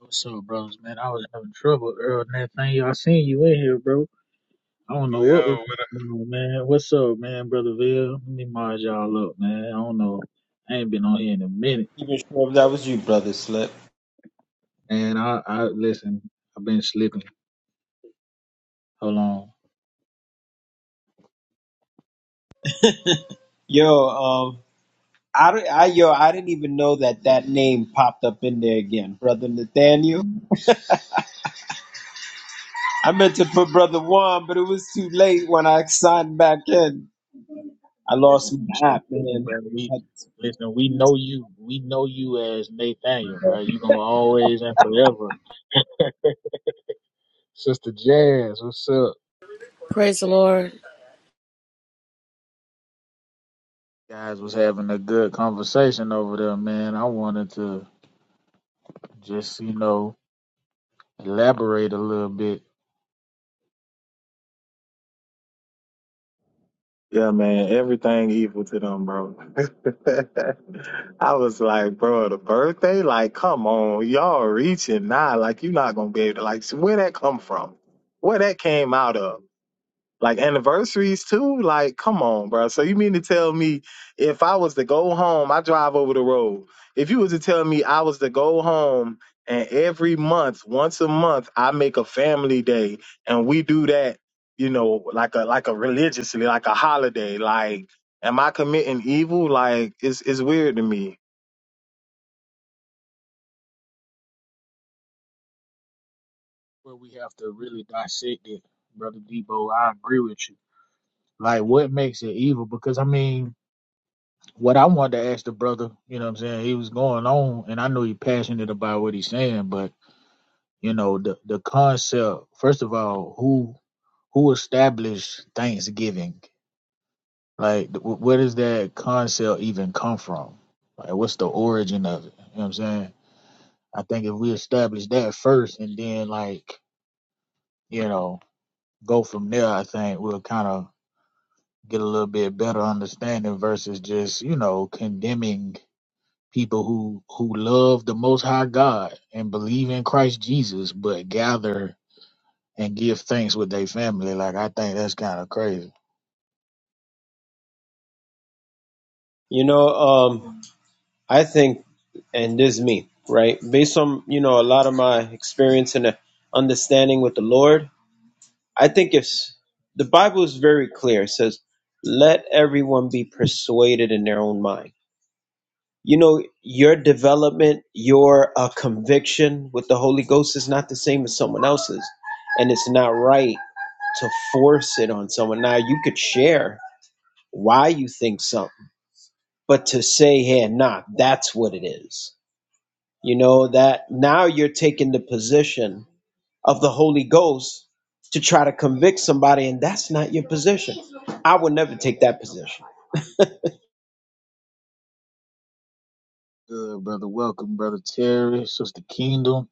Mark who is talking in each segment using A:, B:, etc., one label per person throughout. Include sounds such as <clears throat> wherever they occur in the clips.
A: What's up, bros, man? I was having trouble earlier Nathaniel, I seen you in here, bro. I don't know what was
B: Yo,
A: going on, man. What's up, man, brother Bill? Let me mod y'all up, man. I don't know. I ain't been on here in a minute.
C: even sure if that was you, brother Slip.
A: And I, I listen, I've been slipping. Hold on.
C: Yo, um, I, don't- I yo, I didn't even know that that name popped up in there again, brother Nathaniel. <laughs> I meant to put brother Juan, but it was too late when I signed back in. I
A: Listen,
C: lost my
A: so
C: app, man.
A: brother, we listen, we know you. We know you as Nathaniel, bro. You gonna always and forever. Sister Jazz, what's up?
D: Praise the Lord.
A: Guys was having a good conversation over there, man. I wanted to just, you know. elaborate a little bit
E: Yeah, man, everything equal to them, bro. <laughs> I was like, bro, the birthday, like, come on, y'all reaching now, like, you're not gonna be able to, like, where that come from, where that came out of. Like anniversaries too. Like, come on, bro. So you mean to tell me if I was to go home, I drive over the road. If you was to tell me I was to go home and every month, once a month, I make a family day and we do that, you know, like a like a religiously, like a holiday. Like, am I committing evil? Like, it's it's weird to me.
A: where we have to really dissect it, Brother Debo. I agree with you. Like what makes it evil? Because I mean, what I wanted to ask the brother, you know what I'm saying, he was going on and I know he's passionate about what he's saying, but you know, the the concept, first of all, who who established Thanksgiving? Like wh- where does that concept even come from? Like what's the origin of it? You know what I'm saying? I think if we establish that first and then like, you know, go from there, I think we'll kind of get a little bit better understanding versus just, you know, condemning people who who love the most high God and believe in Christ Jesus but gather and give thanks with their family. Like I think that's kind of crazy.
C: You know, um, I think, and this is me, right? Based on you know a lot of my experience and understanding with the Lord, I think it's the Bible is very clear. It says, "Let everyone be persuaded in their own mind." You know, your development, your uh, conviction with the Holy Ghost is not the same as someone else's, and it's not right to force it on someone. Now, you could share why you think something, but to say, "Hey, nah, that's what it is," you know, that now you're taking the position of the Holy Ghost to try to convict somebody, and that's not your position. I would never take that position.
A: Good brother, welcome brother Terry, sister Kingdom.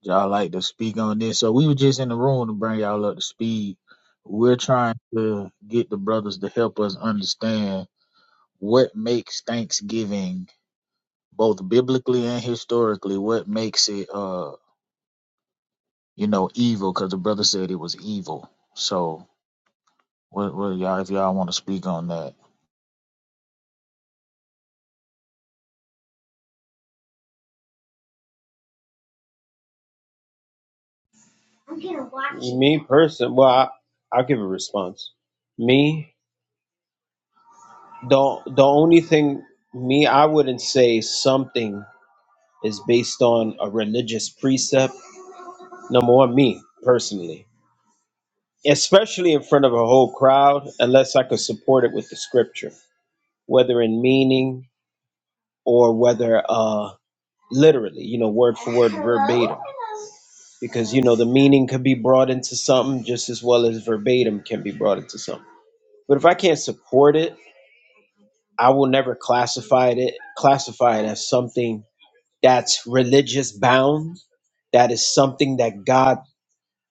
A: Y'all like to speak on this. So we were just in the room to bring y'all up to speed. We're trying to get the brothers to help us understand what makes Thanksgiving both biblically and historically what makes it uh you know evil because the brother said it was evil so what, what y'all if y'all want to speak on that
C: Me person, well, I, I'll give a response. Me, the the only thing me, I wouldn't say something is based on a religious precept. Number one, me personally, especially in front of a whole crowd, unless I could support it with the scripture, whether in meaning or whether uh literally, you know, word for word, verbatim. Because, you know, the meaning could be brought into something just as well as verbatim can be brought into something. But if I can't support it, I will never classify it classify it as something that's religious bound. That is something that God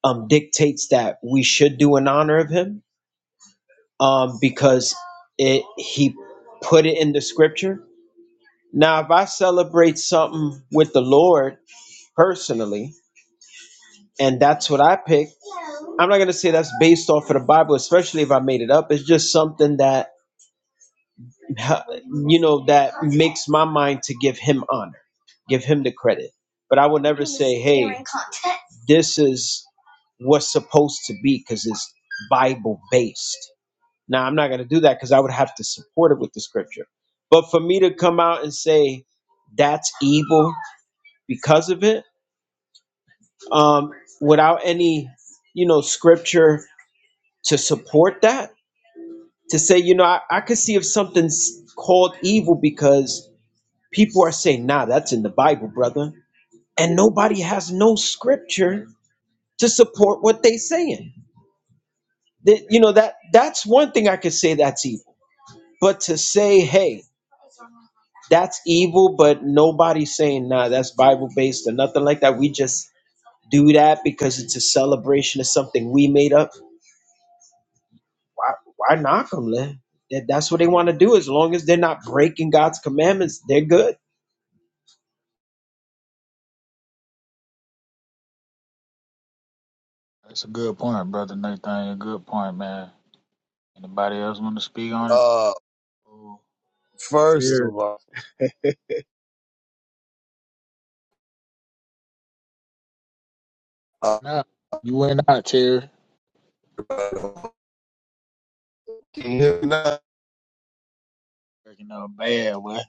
C: um, dictates that we should do in honor of Him, um, because it He put it in the Scripture. Now, if I celebrate something with the Lord personally, and that's what I picked. I'm not gonna say that's based off of the Bible, especially if I made it up. It's just something that you know that makes my mind to give him honor, give him the credit. But I will never say, "Hey, this is what's supposed to be," because it's Bible based. Now I'm not gonna do that because I would have to support it with the scripture. But for me to come out and say that's evil because of it, um, without any, you know, scripture to support that to say you know i, I could see if something's called evil because people are saying nah that's in the bible brother and nobody has no scripture to support what they saying that you know that that's one thing i could say that's evil but to say hey that's evil but nobody's saying nah that's bible based or nothing like that we just do that because it's a celebration of something we made up why why knock them, man? That, that's what they want to do. As long as they're not breaking God's commandments, they're good.
A: that's a good point brother nathan a good point man anybody else want to speak on it
F: Uh,
A: Ooh,
F: first
A: Terry.
F: of all, uh,
A: nah you went out Terry.
F: can you hear me now?
A: Breaking up bad boy.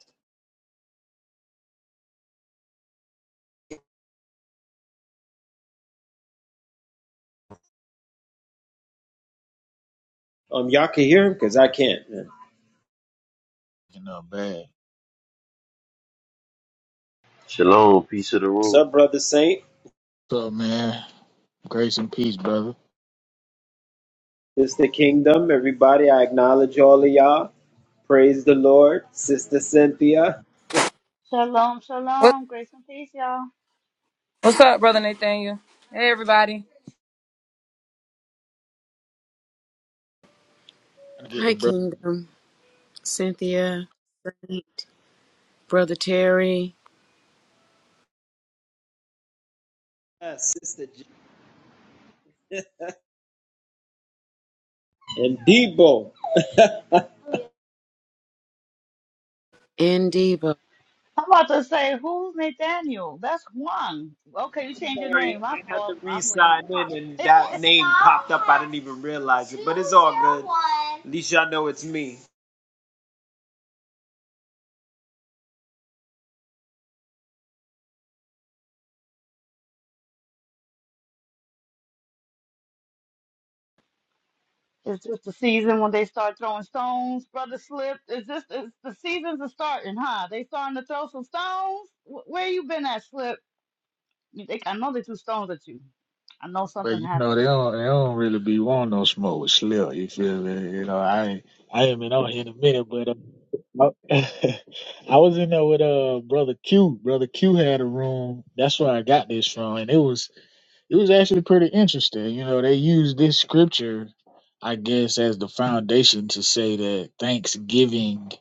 C: Um, y'all can hear him because I can't. Man.
A: breaking up bad
G: Shalom, peace of the
C: What's
G: room.
C: up, brother Saint?
A: what's up man grace and peace brother
C: This the kingdom. Everybody, I acknowledge all of y'all. Praise the Lord, Sister Cynthia,
H: Shalom,
I: What,
H: shalom, grace and peace, y'all.
I: what's up, brother Nathaniel? Hey, everybody.
A: Gotta get the
D: Hi,
A: brother
D: Kingdom. Cynthia, Saint, Brother Terry,
C: Uh, Sister J- and Debo.
D: and Debo.
H: I'm about to say, who's Nathaniel? That's Juan. Okay, you changed your
C: Sorry,
H: name. My
C: I had to
H: fault. I'm late.
C: re-sign in, and that name popped up. I didn't even realize it, but it's all good. At least y'all know it's me.
H: It's just the season when they start throwing stones. Brother slipped. It's just it's, the seasons are starting, huh? They starting to throw some stones. Wh- Where you been at, Slip? You think I know they threw stones at you. I know
A: Well,
H: something
A: you know, they
H: happened.
A: don't they don't really be wanting no smoke with Slip. You feel me? You know, I ain't- I ain't been on here in a minute, but uh, I <laughs> I was in there with uh brother Q. Brother Q had a room. That's where I got this from, and it was it was actually pretty interesting. You know, they used this scripture, I guess, as the foundation to say that Thanksgiving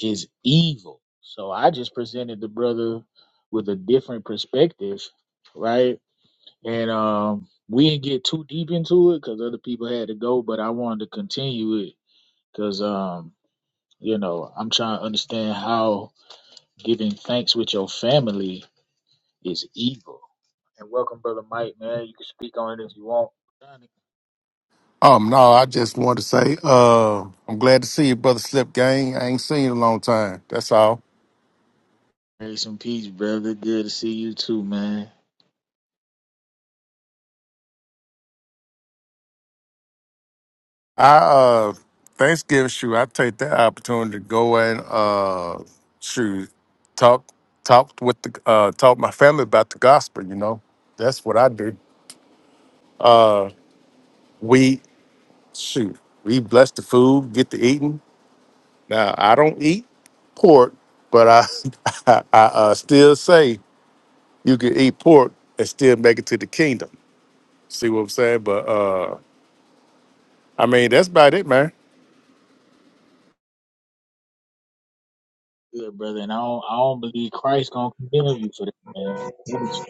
A: is evil. So I just presented the brother with a different perspective, right? and um, we didn't get too deep into it because other people had to go. But I wanted to continue it because um, you know I'm trying to understand how giving thanks with your family is evil. And welcome, brother Mike, man. You can speak on it if you want.
J: Um, no, I just wanted to say, uh, I'm glad to see you, brother Slip Gang. I ain't seen you in a long time. That's all.
A: Grace and peace, brother. Good to see you too, man.
J: I uh Thanksgiving shoot, I take that opportunity to go and uh shoot talk talk with the uh talk my family about the gospel, you know. That's what I do. Uh we shoot. We bless the food, get to eating. Now I don't eat pork, but I <laughs> I, I uh, still say you can eat pork and still make it to the kingdom. See what I'm saying? But uh I mean that's about it, man.
A: Good, brother. And I don't, I don't believe Christ gonna condemn you for that, man. Brothers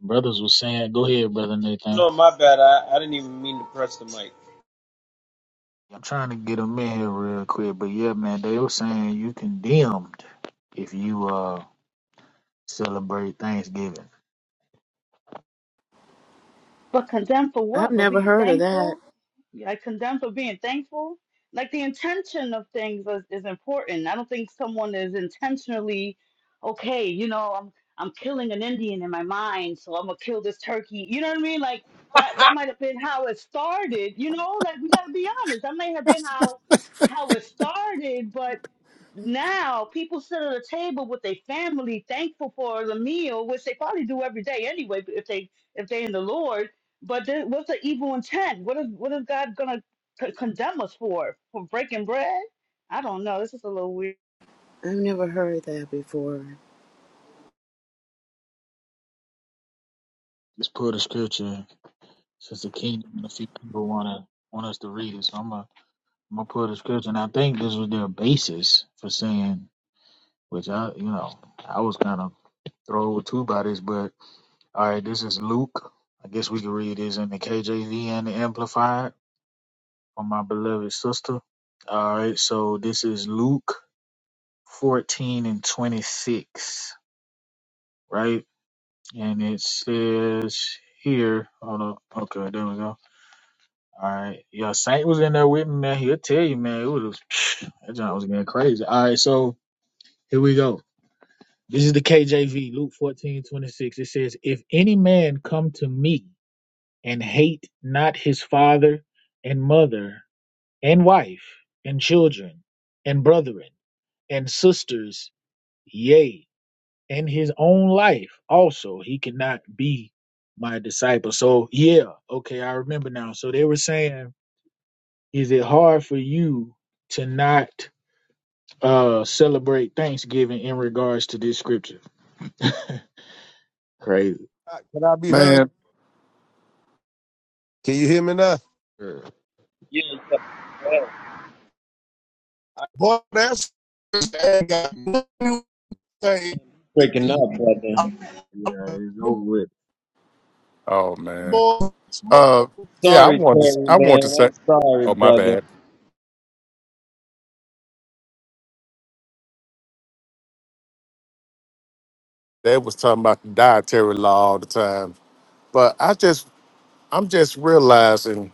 A: brothers was saying, go ahead, brother Nathan.
C: No, my bad. I, I didn't even mean to press the mic.
A: I'm trying to get them in here real quick, but yeah, man, they were saying you condemned if you uh celebrate Thanksgiving.
H: But condemned for
D: I've
H: what? For
D: never
H: being
D: heard of that.
H: thankful? Like condemned for being thankful? Like the intention of things is, is important. I don't think someone is intentionally, okay, you know, I'm I'm killing an Indian in my mind, so I'm gonna kill this turkey. You know what I mean? Like that that might have been how it started, you know? Like we gotta be honest. That may have been how how it started, but now people sit at a table with their family thankful for the meal, which they probably do every day anyway, if they if they in the Lord but then, what's the evil intent? What is what is God gonna c- condemn us for? For breaking bread? I don't know. This is a little weird.
D: I've never heard that before.
A: Just put a scripture since the king and a few people wanna want us to read it, so I'm gonna I'm gonna put a scripture. And I think this was their basis for saying, which I you know I was kind of thrown with two by this. but all right, this is Luke. I guess we can read this in the KJV and the Amplified. for my beloved sister. All right, so this is Luke 14 and 26, right? And it says here, hold on, okay, there we go. All right, yeah, Saint was in there with me, man. He'll tell you, man, it was <sniffs> that John was getting crazy. All right, so here we go. This is the KJV, Luke 14 26. It says, If any man come to me and hate not his father and mother and wife and children, and brethren. and sisters, yea, and his own life also, he cannot be my disciple. So, yeah, okay, I remember now. So they were saying, is it hard for you to not uh celebrate Thanksgiving in regards to this scripture? <laughs> Crazy.
F: Can I be heard?
J: Man.
F: Can you hear me now?
A: Sure.
C: Yeah.
F: Boy, that's I got nothing to say.
C: breaking up,
A: Yeah,
C: brother.
F: I'm
A: it's over
F: the
A: with.
J: Oh man.
F: boy smoke.
J: Uh yeah, I
C: Sorry,
J: wanted to s-
C: Terry,
J: I want to
C: man.
J: say
C: I'm sorry,
J: oh my
C: brother.
J: bad. They was talking about the dietary law all the time. But I just I'm just realizing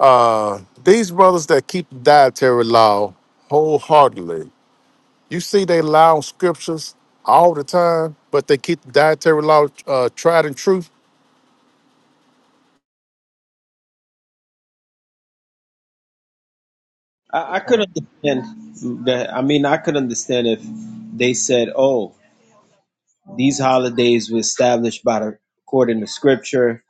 J: uh these brothers that keep the dietary law wholeheartedly, you see they lie on scriptures all the time, but they keep the dietary law uh tried and true.
C: I,
A: Good
C: I could
A: point.
C: understand that. I mean, I could understand if they said, "Oh, these holidays were established by the according to Scripture,"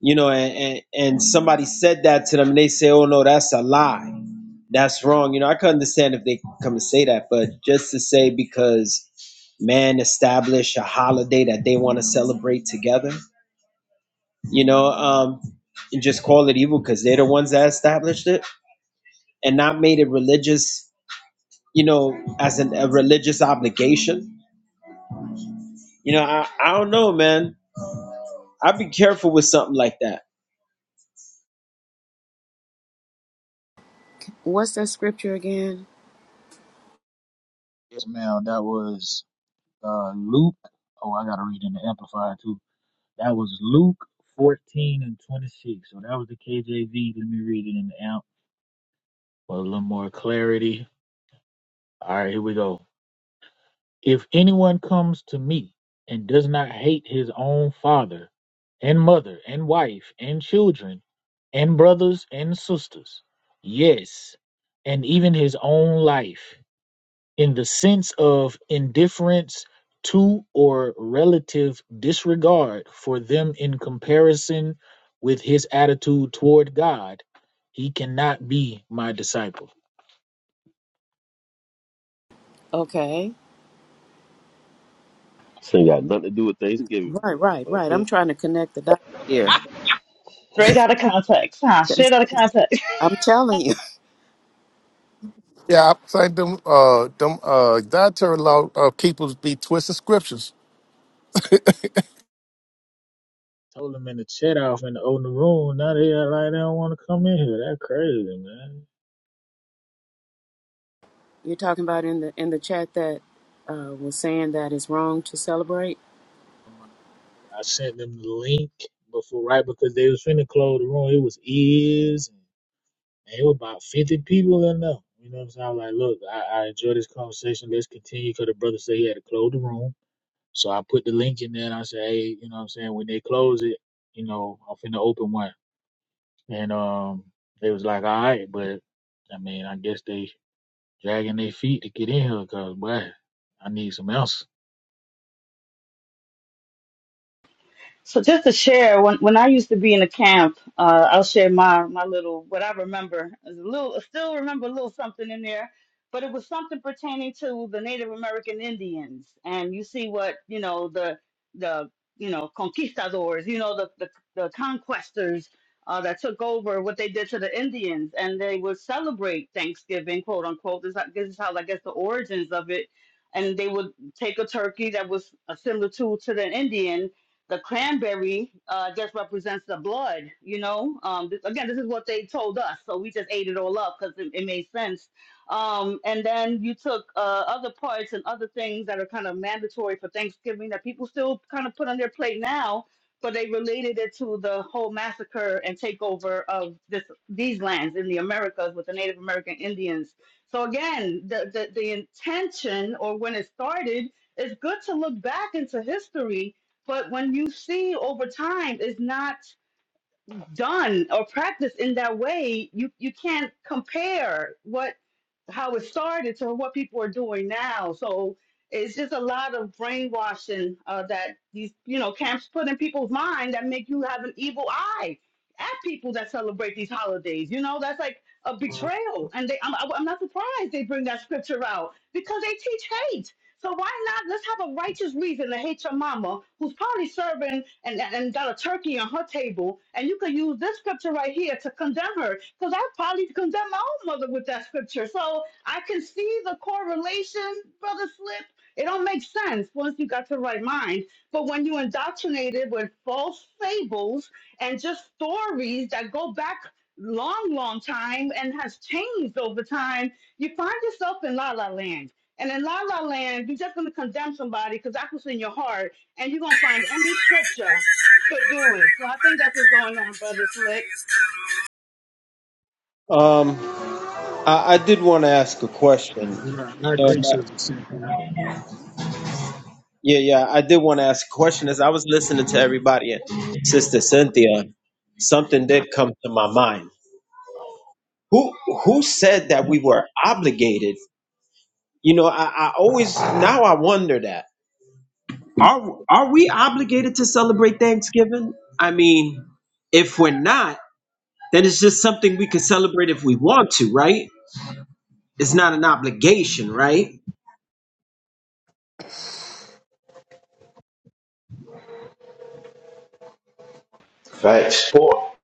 C: you know, and and, and somebody said that to them, and they say, "Oh no, that's a lie. That's wrong." You know, I could understand if they come and say that, but just to say because man established a holiday that they want to celebrate together you know, um, and just call it evil because they're the ones that established it and not made it religious, you know, as an, a religious obligation. You know, I, I don't know, man. I'd be careful with something like that.
D: What's that scripture again?
A: Yes, ma'am. That was uh Luke. Oh, I gotta read in the Amplified too. That was Luke 14 and 26. So that was the KJV. Let me read it in the amp for a little more clarity. All right, here we go. If anyone comes to me and does not hate his own father and mother and wife and children and brothers and sisters, yes, and even his own life, in the sense of indifference to or relative disregard for them in comparison with his attitude toward God, he cannot be my disciple.
D: Okay.
G: This ain't got nothing to do with Thanksgiving,
D: Right,
G: but
D: right, right. I'm
G: okay.
D: trying to connect the dots here.
H: Straight out of context, huh?
D: That's-
H: Straight out of
D: that's-
H: context. <laughs>
D: I'm telling you.
J: Yeah, I think them uh them uh dietary law uh, keepers be twisting scriptures
A: Told him in the chat off in the open room, now they are like they don't want to come in here. That crazy, man.
D: <laughs> You're talking about in the in the chat that uh, was saying that it's wrong to celebrate.
A: I sent them the link before, right? Because they was finna close the room. It was is. And it was about 50 people in there. You know what I'm saying? I was like, look, I, I enjoy this conversation. Let's continue. Because the brother said he had to close the room. So I put the link in there and I said, hey, you know what I'm saying? When they close it, you know, I'm finna open one. And um, they was like, all right. But I mean, I guess they dragging their feet to get in here because, boy, I need some else.
H: So just to share, when when I used to be in the camp, uh, I'll share my my little what I remember. There's A little, I still remember a little something in there, but it was something pertaining to the Native American Indians. And you see what you know the the you know conquistadors, you know the the, the conquestors uh, that took over what they did to the Indians, and they would celebrate Thanksgiving, quote unquote. This, this is how I guess the origins of it. And they would take a turkey that was uh, similar to to the Indian, the cranberry uh, just represents the blood, you know. Um, this, again, this is what they told us, so we just ate it all up because it, it made sense. Um, and then you took uh, other parts and other things that are kind of mandatory for Thanksgiving that people still kind of put on their plate now, but they related it to the whole massacre and takeover of this these lands in the Americas with the Native American Indians. So again, the the, the intention or when it started, it's good to look back into history but when you see over time it's not done or practiced in that way, you, you can't compare what how it started to what people are doing now. So it's just a lot of brainwashing uh, that these you know camps put in people's mind that make you have an evil eye at people that celebrate these holidays. You know that's like a betrayal, and they I'm, I'm not surprised they bring that scripture out because they teach hate so why not? Let's have a righteous reason to hate your mama, who's probably serving and, and, and got a turkey on her table, and you could use this scripture right here to condemn her, because I probably condemn my own mother with that scripture. So I can see the correlation, brother Slip. It don't make sense once you got the right mind. But when you indoctrinated with false fables and just stories that go back long, long time and has changed over time, you find yourself in la la land and in La La Land, you're just going to condemn somebody because that's what's in your heart, and you're going to
K: Instead
H: find any scripture to do it. So I think that's what's going on, Brother Slip.
K: of
C: Um, I, I did want to ask a
A: Right,
C: question.
A: I
C: You know,
A: agree,
C: and that-
A: Sister Cynthia.
C: yeah, yeah, I did want to ask a question. As I was listening to everybody and Sister Cynthia, something did come to my mind. Who who said that we were obligated? You know, I, I always now I wonder that Are are we obligated to celebrate Thanksgiving? I mean, if we're not, then it's just something we can celebrate if we want to, right? It's not an obligation, right?
G: Facts, sport.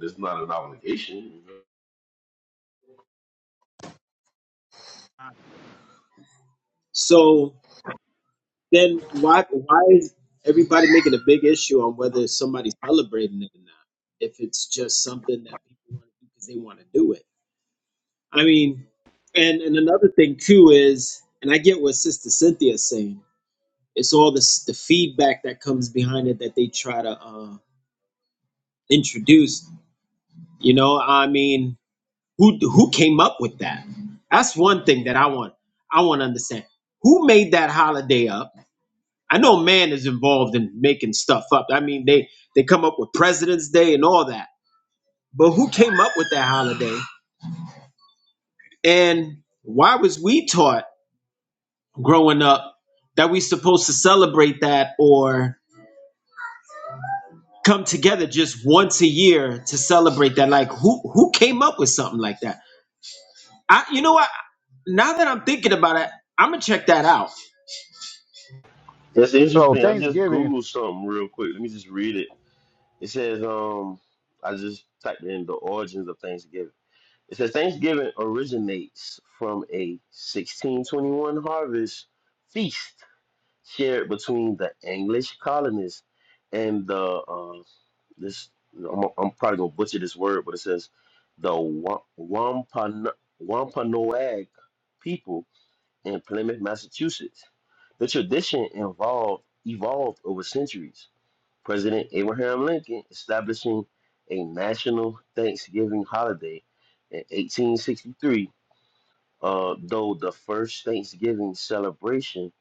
G: It's not an obligation. you know.
C: So then why why is everybody making a big issue on whether somebody's celebrating it or not? If it's just something that people want to do because they want to do it. I mean, and and another thing too is, and I get what Sister Cynthia's saying. It's all this the feedback that comes behind it that they try to. Uh, introduced. You know, I mean, who who came up with that? That's one thing that I want. I want to understand who made that holiday up. I know man is involved in making stuff up. I mean, they they come up with President's Day and all that. But who came up with that holiday? And why was we taught growing up that we supposed to celebrate that or come together just once a year to celebrate that? Like who who came up with something like that? I you know what? Now that I'm thinking about it, I'm gonna check that out.
G: That's
L: So
G: interesting. I just
L: Thanksgiving,
G: googled something real quick. Let me just read it. It says, um, I just typed in the origins of Thanksgiving. It says Thanksgiving originates from a 1621 harvest feast shared between the English colonists and the uh, this I'm, I'm probably gonna butcher this word, but it says the Wa- Wampano- Wampanoag people in Plymouth, Massachusetts. The tradition involved evolved over centuries. President Abraham Lincoln establishing a national Thanksgiving holiday in 1863, uh, though the first Thanksgiving celebration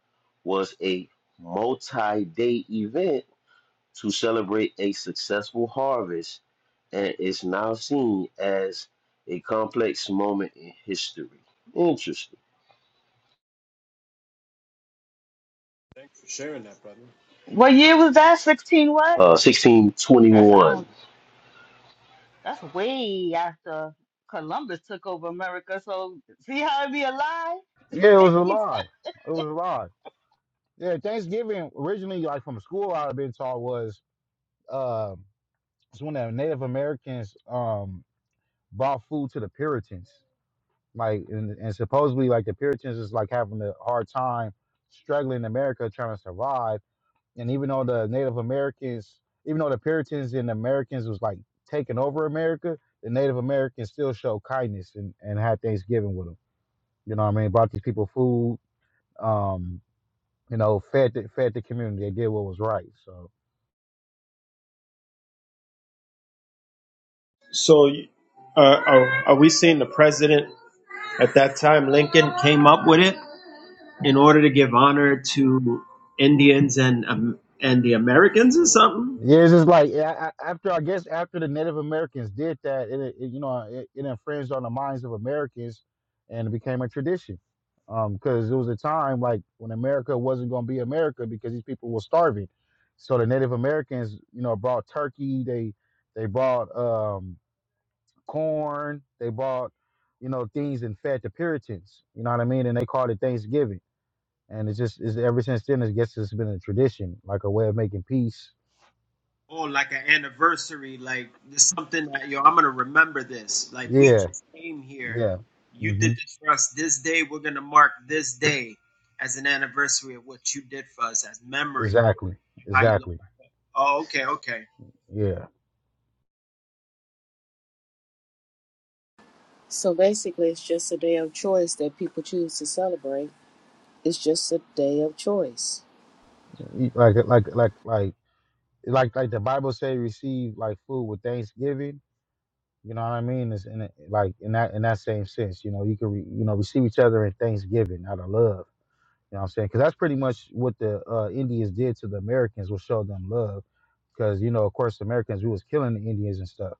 G: was a multi-day event to celebrate a successful harvest and is now seen as a complex moment in history. Interesting.
C: for sharing that, brother.
H: What year was that? 16 what?
G: Uh,
H: That
G: 1621.
H: sounds, that's way after Columbus took over America. So see how it be a lie?
L: yeah, it
H: <laughs> oh,
L: was a lie. It was a lie. Yeah, Thanksgiving originally, like from school, I've been taught was uh, it's when the Native Americans um brought food to the Puritans, like and, and supposedly like the Puritans is like having a hard time struggling in America trying to survive, and even though the Native Americans, even though the Puritans and Americans was like taking over America, the Native Americans still showed kindness and and had Thanksgiving with them. You know what I mean? Brought these people food um, you know, fed the, fed the community. They did what was right. So
C: So, uh, are, are we saying the president at that time, Lincoln, came up with it in order to give honor to Indians and um, and the Americans or something?
L: yeah, it's just like yeah, I, I- after I guess after the Native Americans did that, it, it you know it, it infringed on the minds of Americans, and it became a tradition. Because it was a time like when America wasn't going to be America because these people were starving. So the Native Americans, you know, brought turkey. They they brought um, corn. They brought you know things and fed the Puritans. You know what I mean? And they called it Thanksgiving and it's just it's ever since then. I guess it's been a tradition, like a way of making peace.
C: Oh, like an anniversary, like this something that yo, I'm gonna remember this. Like we
L: Yeah,
C: just came here.
L: yeah,
C: You did
L: hmm
C: this for us this day. We're gonna mark this day as an anniversary of what you did for us as memory. of
L: exactly,
C: How you look?
L: exactly.
C: Oh, okay, okay.
L: Yeah,
D: So basically, it's just a day of choice that people choose to celebrate. It's just a day of choice.
L: You- like like like like like like the Bible say, receive like food with thanksgiving. You know what I mean? It's in it, like in that in that same sense. You know, you can re, you know receive each other in thanksgiving out of love. You know what I'm saying? Because that's pretty much what the uh, Indians did to the Americans was show them love. Because you know, of course, the Americans we was killing the Indians and stuff.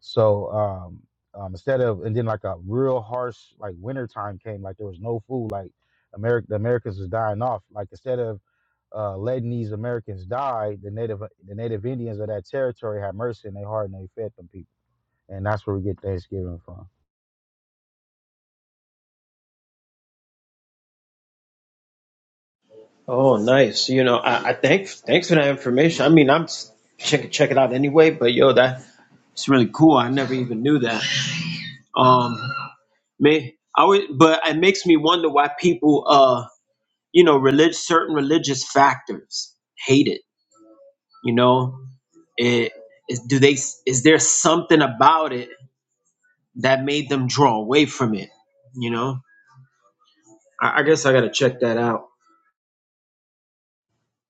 L: So um, um, instead of and then like a real harsh like winter time came, like there was no food, like America the Americans was dying off. Like instead of uh, letting these Americans die, the native the native Indians of that territory had mercy and they heart and they fed them people, and that's where we get Thanksgiving from.
C: Oh, nice. You know, I, I thank thanks for that information. I mean, I'm s- check check it out anyway. But yo, that it's really cool. I never even knew that. Um, may I always, but it makes me wonder why people, uh, you know, relig- certain religious factors hate it. You know, it is. Do they? Is there something about it that made them draw away from it? You know, I, I guess I gotta check that out.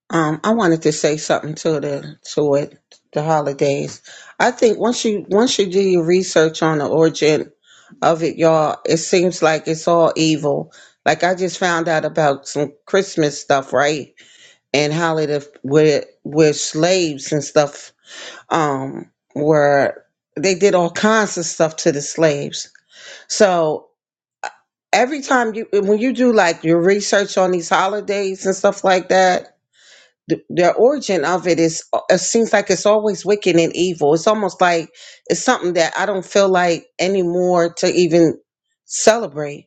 M: Um, I wanted to say something to the to it the holidays. I think once you once you do your research on the origin of it, y'all, it seems like it's all evil. Like I just found out about some Christmas stuff, right? And how it with with slaves and stuff, um, where they did all kinds of stuff to the slaves. So every time you when you do like your research on these holidays and stuff like that, the, the origin of it is uh, it seems like it's always wicked and evil it's almost like it's something that i don't feel like anymore to even celebrate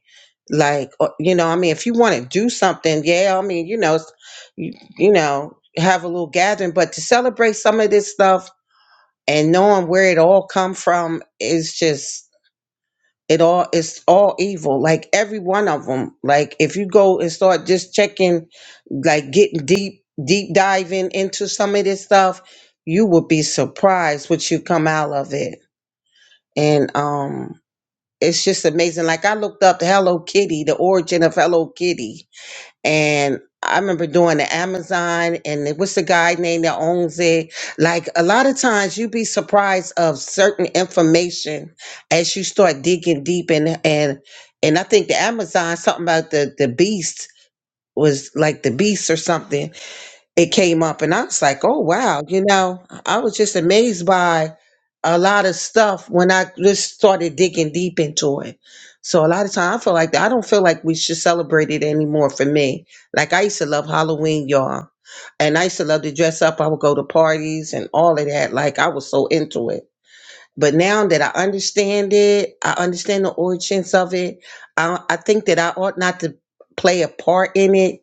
M: like uh, you know i mean if you want to do something yeah i mean you know s- you, you know have a little gathering but to celebrate some of this stuff and knowing where it all come from is just it all it's all evil like every one of them like if you go and start just checking like getting deep deep diving into some of this stuff you will be surprised what you come out of it and um it's just amazing like i looked up hello kitty the origin of hello kitty and i remember doing the amazon and it was the guy name that owns it like a lot of times you be surprised of certain information as you start digging deep and and and i think the amazon something about the the beast was like the beast or something it came up and I was like, oh wow, you know, I was just amazed by a lot of stuff when I just started digging deep into it. So a lot of time I feel like I don't feel like we should celebrate it anymore for me. Like I used to love Halloween, y'all. And I used to love to dress up. I would go to parties and all of that. Like I was so into it. But now that I understand it, I understand the origins of it. I, I think that I ought not to play a part in it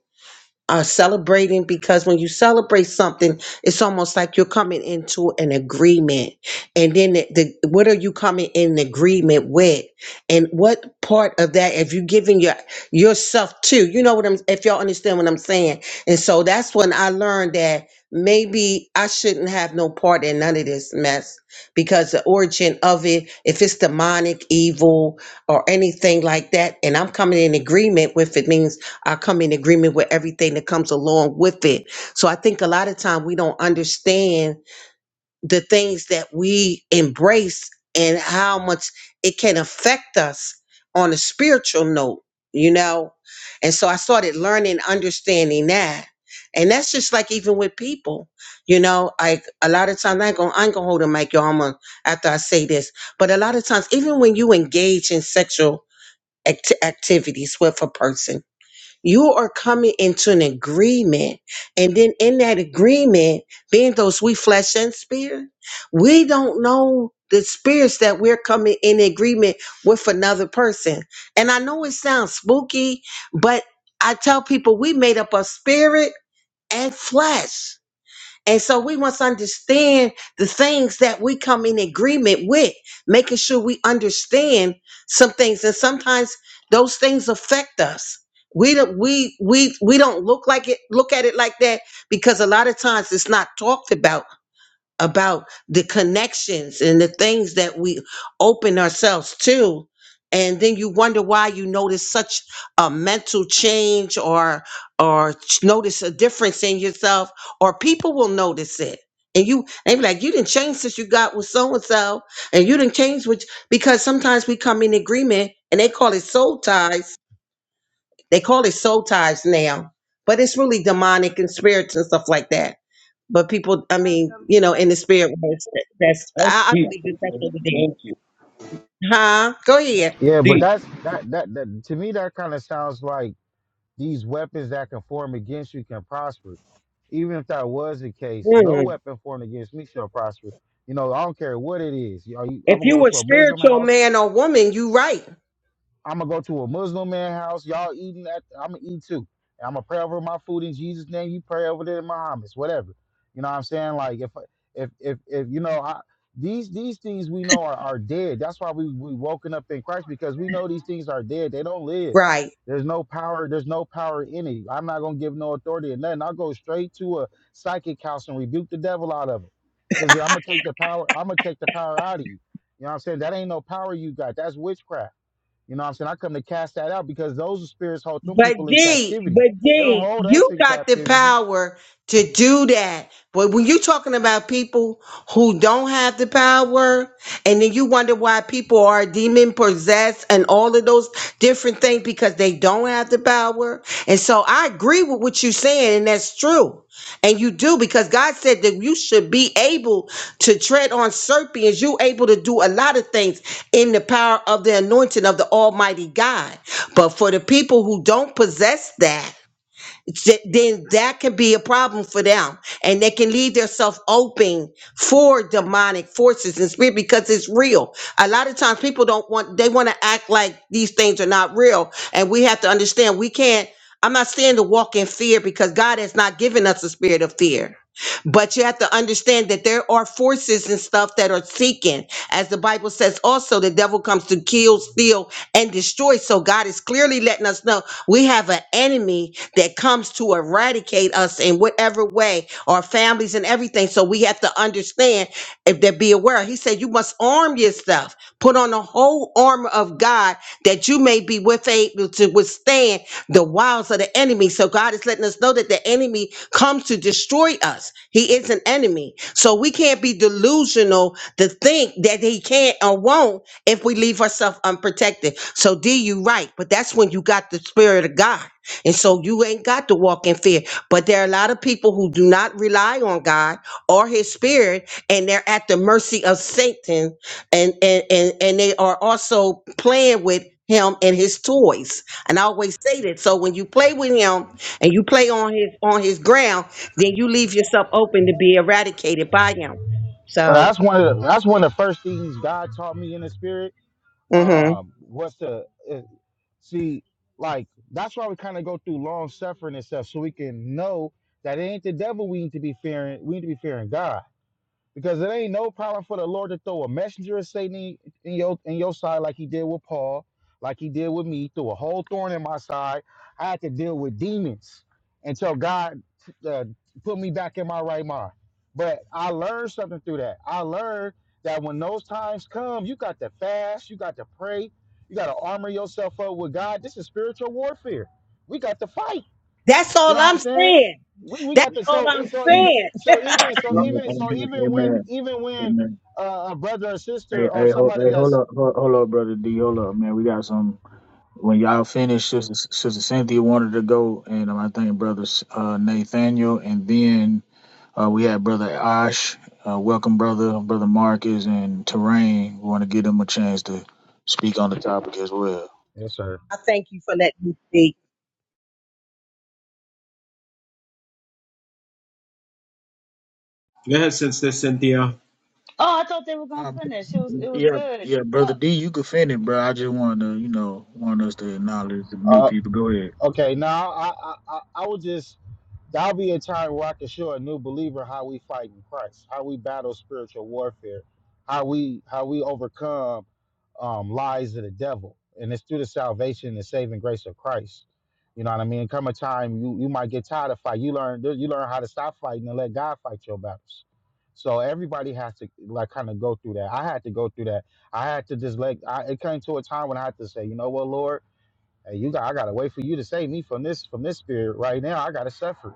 M: are celebrating because when you celebrate something, it's almost like you're coming into an agreement. And then the, the what are you coming in agreement with? And what part of that if you giving your yourself to? You know what I'm if y'all understand what I'm saying. And so that's when I learned that maybe I shouldn't have no part in none of this mess because the origin of it, if it's demonic, evil, or anything like that, and I'm coming in agreement with it means I come in agreement with everything that comes along with it. So I think a lot of time we don't understand the things that we embrace and how much it can affect us on a spiritual note, you know? And so I started learning, understanding that. And that's just like even with people, you know, like a lot of times I ain't gonna, I ain't gonna hold a mic, y'all, I'm gonna, after I say this, but a lot of times, even when you engage in sexual act- activities with a person, you are coming into an agreement. And then in that agreement, being those we flesh and spirit, we don't know the spirits that we're coming in agreement with another person. And I know it sounds spooky, but I tell people we made up of spirit and flesh. And so we must understand the things that we come in agreement with, making sure we understand some things. And sometimes those things affect us. We don't we we we don't look like it look at it like that because a lot of times it's not talked about about the connections and the things that we open ourselves to and then you wonder why you notice such a mental change or or notice a difference in yourself or people will notice it and you they be like you didn't change since you got with so and so and you didn't change which because sometimes we come in agreement and they call it soul ties they call it soul ties now but it's really demonic and spirits and stuff like that but people, I mean, you know, in the spirit, world, that's I, I believe that that's what it is. Huh? Go ahead.
L: Yeah, but that's that that, that to me that kind of sounds like. These weapons that can form against you can prosper. Even if that was the case, no
M: Mm.
L: weapon formed against me shall prosper. You know, I don't care what it is. You know, you-
M: If
L: I'm gonna
M: you
L: go
M: were
L: to a Muslim
M: spiritual
L: house.
M: man or woman, you right,
L: I'm gonna go to a Muslim man house. Y'all eating at? I'm gonna eat too. And I'm gonna pray over my food in Jesus' name. You pray over there in Muhammad's, whatever. You know what I'm saying? Like if if if if you know I, these these things we know are, are dead. That's why we we woken up in Christ because we know these things are dead. They don't live.
M: right.
L: There's no power. There's no power in it. I'm not gonna give no authority or nothing. I'll go straight to a psychic house and rebuke the devil out of it. Because I'm gonna take the power. I'm gonna take the power out of you. You know what I'm saying? That ain't no power you got. That's witchcraft. You know what I'm saying? I come to cast that out because those spirits hold them
M: But
L: people in
M: D,
L: captivity.
M: but
L: They don't
M: D,
L: hold us
M: you
L: in
M: got the
L: captivity.
M: power to do that. But when you're talking about people who don't have the power, and then you wonder why people are demon possessed and all of those different things because they don't have the power. And so I agree with what you're saying, and that's true. And you do because God said that you should be able to tread on serpents. You're able to do a lot of things in the power of the anointing of the Almighty God. But for the people who don't possess that, th- then that can be a problem for them and they can leave themselves open for demonic forces and spirit because it's real a lot of times people don't want they want to act like these things are not real and we have to understand we can't i'm not saying to walk in fear because god has not given us a spirit of fear but you have to understand that there are forces and stuff that are seeking as the bible says also the devil comes to kill steal and destroy so god is clearly letting us know we have an enemy that comes to eradicate us in whatever way, our families and everything. So we have to understand if they be aware. He said, You must arm yourself, put on the whole armor of God that you may be with able to withstand the wiles of the enemy. So God is letting us know that the enemy comes to destroy us. He is an enemy. So we can't be delusional to think that he can't or won't if we leave ourselves unprotected. So D, you right, but that's when you got the spirit of God. And so you ain't got to walk in fear. But there are a lot of people who do not rely on God or his spirit, and they're at the mercy of Satan, and and and, and they are also playing with him and his toys. And I always say that. So when you play with him and you play on his on his ground, then you leave yourself open to be eradicated by him.
L: But
M: So
L: that's one of the, that's one of the first things God taught me in the spirit.
M: mhm.
L: Um, was to uh, see like that's why we kind of go through long suffering and stuff so we can know that it ain't the devil we need to be fearing. We need to be fearing God. Because it ain't no problem for the Lord to throw a messenger of Satan in, in your in your side like he did with Paul, like he did with me, threw a whole thorn in my side. I had to deal with demons until God uh, put me back in my right mind. But I learned something through that. I learned that when those times come, you got to fast, you got to pray, you got to armor yourself up with God. This is spiritual warfare. We got to fight.
M: that's
L: You
M: all
L: know what I'm
M: I'm
L: saying?
M: saying.
L: We we
M: That's
L: got the
M: all
L: so
M: I'm
L: so
A: And,
L: even
M: saying.
L: so even so
A: amen,
L: even so
A: amen,
L: even when
A: amen.
L: even when
A: amen.
L: uh, a brother or sister
A: Hey,
L: or
A: hey, hold,
L: somebody
A: hey, hold
L: that's
A: up, hold, hold up, brother D, hold up, man. We got some. when y'all finished, Sister, Sister Cynthia wanted to go, and um, I think Brother uh, Nathaniel, and then uh, we had Brother Ash. Uh, welcome, Brother Brother Marcus and Terrain. We want to give them a chance to speak on the topic as well.
L: Yes, sir.
M: I thank you for letting me speak.
C: Go ahead, Cynthia. Cynthia.
H: I thought they were going
A: Uh,
H: to finish. It was, it was
A: Yeah,
H: good.
A: yeah, Brother D, you could finish, bro. I just want to, you know, want us to acknowledge the new
L: uh
A: people. Go ahead.
L: okay now I I I, I would just That'll be a time where I can show a new believer how we fight in Christ, how we battle spiritual warfare, how we how we overcome um, lies of the devil, and it's through the salvation and saving grace of Christ. You know what I mean? Come a time you you might get tired of fighting. You learn you learn how to stop fighting and let God fight your battles. So everybody has to like kind of go through that. I had to go through that. I had to just like I, it came to a time when I had to say, you know what, Lord, hey, you got. I gotta wait for you to save me from this from this spirit right now. I gotta suffer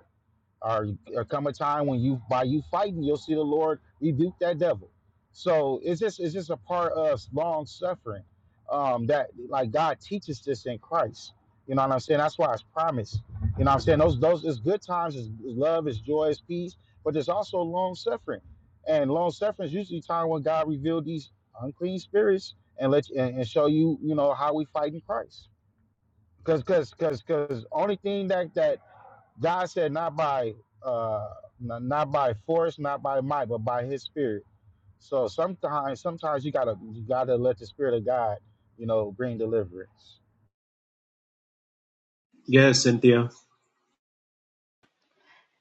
L: or, or come a time when you by you fighting you'll see the lord rebuke that devil so it's just it's just a part of long suffering um that like god teaches this in christ you know what i'm saying that's why it's promised you know what i'm saying those those is good times is love is joy is peace but there's also long suffering and long suffering is usually time when god revealed these unclean spirits and let you and, and show you you know how we fight in christ because because because because only thing that that God said, not by uh, n- not by force, not by might, but by His Spirit. So sometimes, sometimes you gotta you gotta let the Spirit of God, you know, bring deliverance.
C: Go ahead, Cynthia.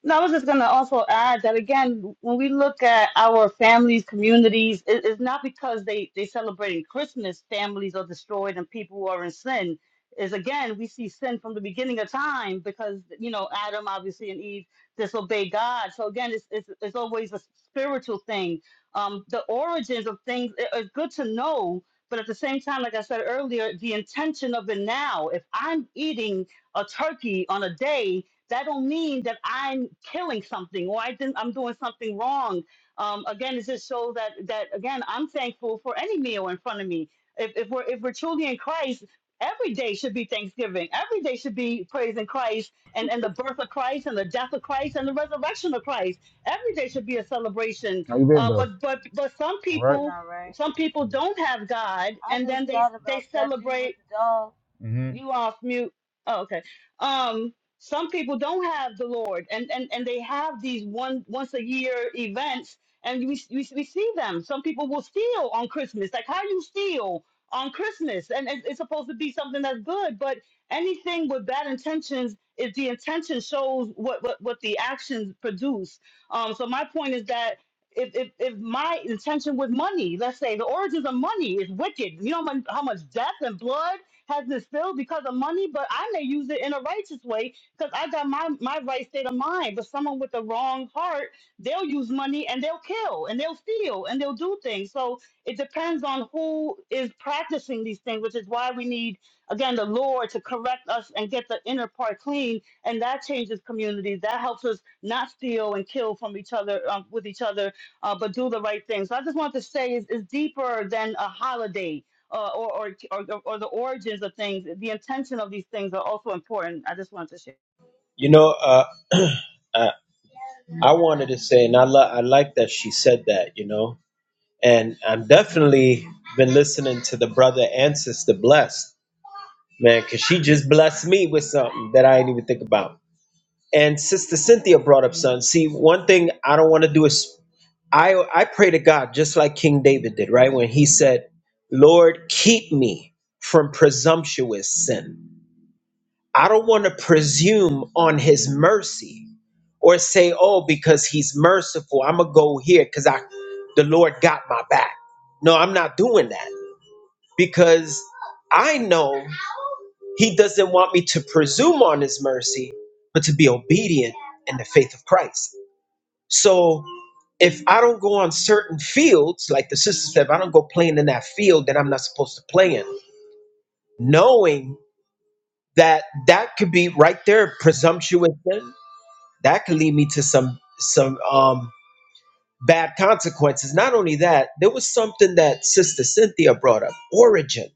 H: No, I was just going to also add that again, when we look at our families, communities, it, it's not because they they celebrating Christmas, families are destroyed and people who are in sin. Is again, we see sin from the beginning of time because you know Adam obviously and Eve disobeyed God. So again, it's it's, it's always a spiritual thing. Um, the origins of things it- it's good to know, but at the same time, like I said earlier, the intention of it now. If I'm eating a turkey on a day that don't mean that I'm killing something or I didn't, I'm doing something wrong. Um, again, it just shows that that again, I'm thankful for any meal in front of me. If, if we're if we're truly in Christ, every day should be Thanksgiving. Every day should be praising Christ and, and the birth of Christ and the death of Christ and the resurrection of Christ. Every day should be a celebration.
L: How you been
H: Uh,
L: though?
H: but but but some
L: All right.
H: people some people don't have God and then they they celebrate
L: Mm-hmm.
H: you off mute. Oh, okay. Um, some people don't have the Lord, and and and they have these one once a year events, and we we, we see them. Some people will steal on Christmas. Like how you steal on Christmas, and it, it's supposed to be something that's good, but anything with bad intentions, if the intention shows what what what the actions produce. Um, so my point is that. If, if, if my intention with money, let's say the origins of money is wicked, you know how much how much death and blood has this bill because of money, but I may use it in a righteous way because I got my, my right state of mind. But someone with the wrong heart, they'll use money and they'll kill and they'll steal and they'll do things. So it depends on who is practicing these things, which is why we need, again, the Lord to correct us and get the inner part clean. And that changes communities. That helps us not steal and kill from each other, um, with each other, uh, but do the right thing. So I just want to say it's, it's deeper than a holiday uh, or, or, or, the- or the origins of things, the intention of these things are also important. I just wanted to share.
C: You know, uh. <clears throat> uh, I wanted to say, and I, lo- I like that she said that, you know, and I'm definitely been listening to the brother and sister blessed, man, because she just blessed me with something that I didn't even think about. And sister Cynthia brought up something. See, one thing I don't want to do is I I pray to God just like King David did, right? When he said, "Lord, keep me from presumptuous sin." I don't want to presume on His mercy or say, "Oh, because he's merciful, I'm gonna go here because I, the Lord got my back." No, I'm not doing that because I know He doesn't want me to presume on His mercy, but to be obedient in the faith of Christ. So, if I don't go on certain fields, like the sister said, if I don't go playing in that field that I'm not supposed to play in, knowing that that could be right there presumptuous sin, that could lead me to some some um bad consequences. Not only that, there was something that Sister Cynthia brought up, origin.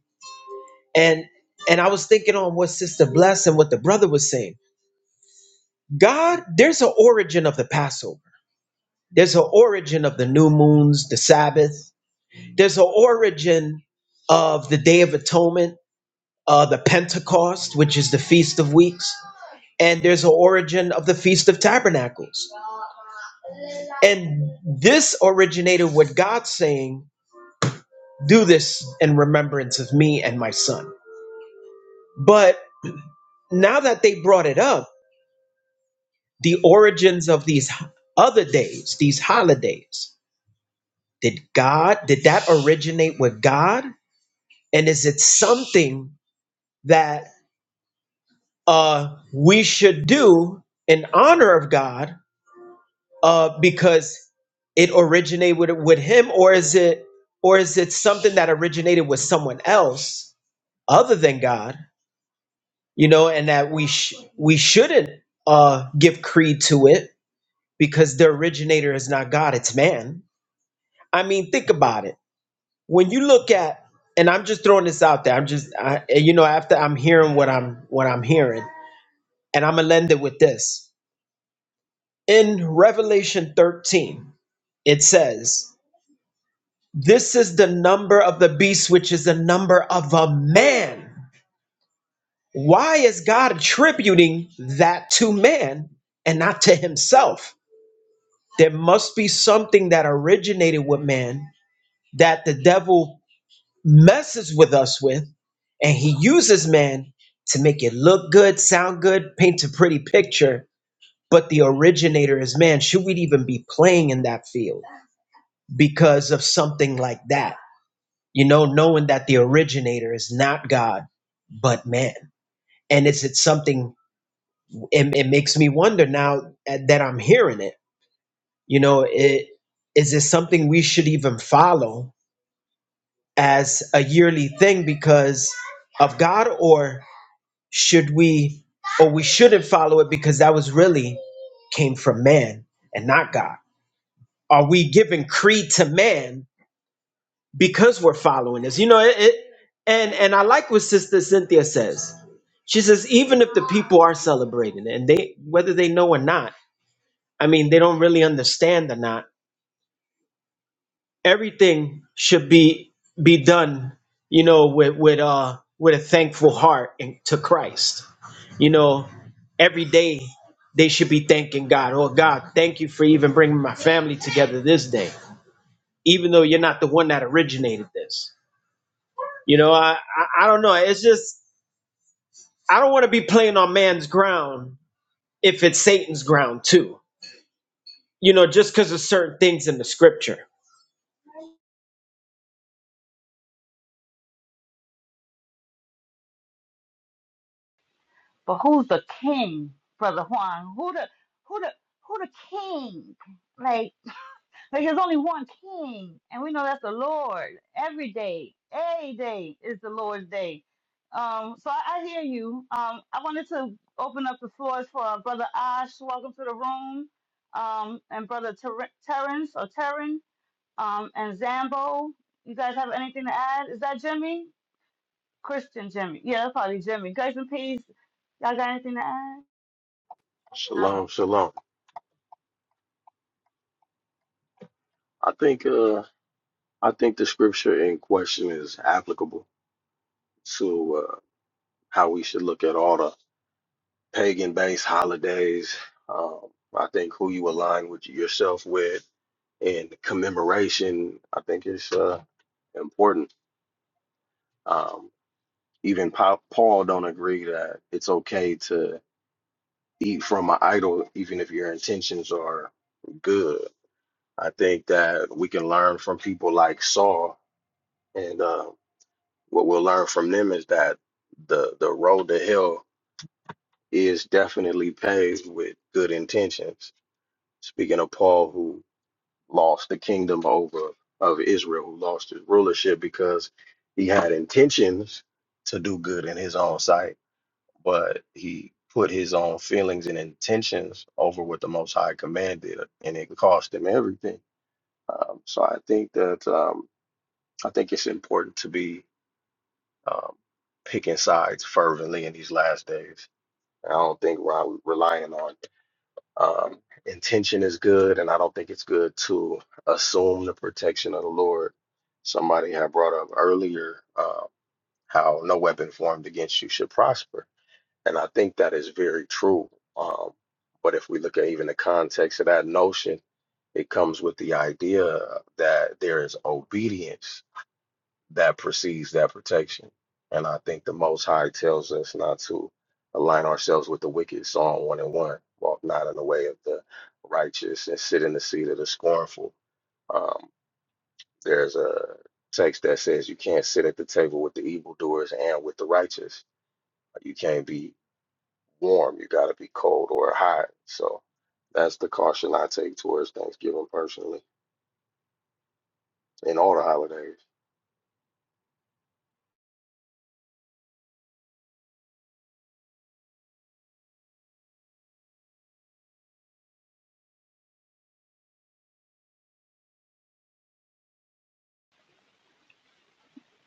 C: And and I was thinking on what Sister Bless and what the brother was saying. God, there's an origin of the Passover. There's an origin of the new moons, the Sabbath. There's an origin of the Day of Atonement, uh, the Pentecost, which is the Feast of Weeks. And there's an origin of the Feast of Tabernacles. And this originated what God's saying Do this in remembrance of me and my son. But now that they brought it up, the origins of these other days, these holidays, did God, did that originate with God? And is it something that uh, we should do in honor of God uh, because it originated with, with him or is it or is it something that originated with someone else other than God you know, and that we sh- we shouldn't uh, give creed to it because the originator is not God; it's man. I mean, think about it. When you look at, and I'm just throwing this out there. I'm just, I, and you know, after I'm hearing what I'm what I'm hearing, and I'm gonna end it with this. In Revelation 13, it says, "This is the number of the beast, which is the number of a man." Why is God attributing that to man and not to himself? There must be something that originated with man that the devil messes with us with, and he uses man to make it look good, sound good, paint a pretty picture. But the originator is man. Should we even be playing in that field because of something like that? You know, knowing that the originator is not God, but man. And it's, it's something, it, it makes me wonder now that I'm hearing it. You know, it, is it something we should even follow? as a yearly thing because of God, or should we, or we shouldn't follow it because that was really came from man and not God? Are we giving creed to man because we're following this? You know, it, it and and I like what Sister Cynthia says. She says even if the people are celebrating it, and they whether they know or not, I mean, they don't really understand or not everything should be be done you know with with uh with a thankful heart and to christ you know every day they should be thanking god oh god thank you for even bringing my family together this day even though you're not the one that originated this you know i i, I don't know it's just i don't want to be playing on man's ground if it's satan's ground too you know just because of certain things in the scripture
H: But who's the king, Brother Juan? Who the who the who the king? Like, like there's only one king, and we know that's the Lord. Every day, every day is the Lord's day. Um, so I, I hear you. Um, I wanted to open up the floors for uh, Brother Ash. Welcome to the room. Um, and Brother Ter- Terrence or Terran. um, and Zambo. You guys have anything to add? Is that Jimmy? Christian Jimmy. Yeah, that's probably Jimmy. Grace and peace. Y'all got anything to add?
N: Shalom, shalom. I think uh I think the scripture in question is applicable to uh how we should look at all the pagan based holidays. Um I think who you align with yourself with and commemoration, I think it's uh important. Um even pa- Paul don't agree that it's okay to eat from an idol even if your intentions are good. I think that we can learn from people like Saul and uh what we'll learn from them is that the the road to hell is definitely paved with good intentions. Speaking of Paul, who lost the kingdom over of Israel, who lost his rulership because he had intentions to do good in his own sight, but he put his own feelings and intentions over what the Most High commanded, and it cost him everything. Um, so I think that um, I think it's important to be um, picking sides fervently in these last days. I don't think we're relying on um, intention is good, and I don't think it's good to assume the protection of the Lord. Somebody had brought up earlier uh, how no weapon formed against you should prosper, and I think that is very true. Um, but if we look at even the context of that notion, it comes with the idea that there is obedience that precedes that protection. And I think the Most High tells us not to align ourselves with the wicked. Psalm 1 and 1. Walk not in the way of the righteous and sit in the seat of the scornful. Um, there's a text that says you can't sit at the table with the evildoers and with the righteous. You can't be warm. You got to be cold or hot. So that's the caution I take towards Thanksgiving personally and all the holidays.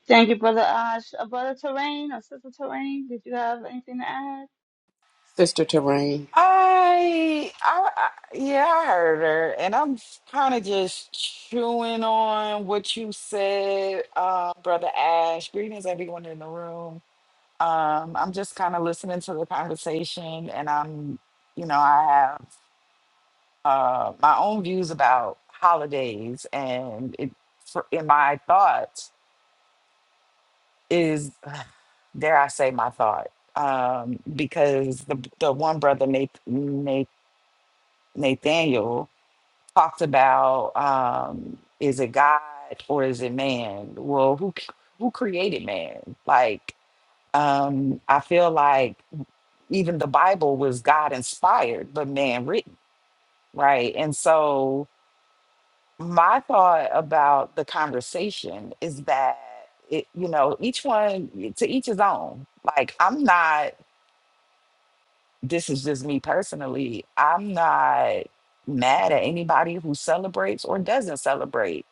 H: Thank you, Brother Ash. Uh, Brother Terrain or Sister Terrain, did you have anything to add?
D: Sister Terrain.
O: I, I, I yeah, I heard her, and I'm kind of just chewing on what you said, uh, Brother Ash. Greetings, everyone in the room. Um, I'm just kind of listening to the conversation, and I'm, you know, I have uh, my own views about holidays, and it, for, in my thoughts is, dare I say, my thought, um, because the the one brother Nath, Nath, Nathaniel. talked about um, is it God or is it man? Well, who who created man? Like, um, I feel like even the Bible was God inspired, but man written, right? And so my thought about the conversation is that it, you know, each one to each his own. Like, I'm not. This is just me personally. I'm not mad at anybody who celebrates or doesn't celebrate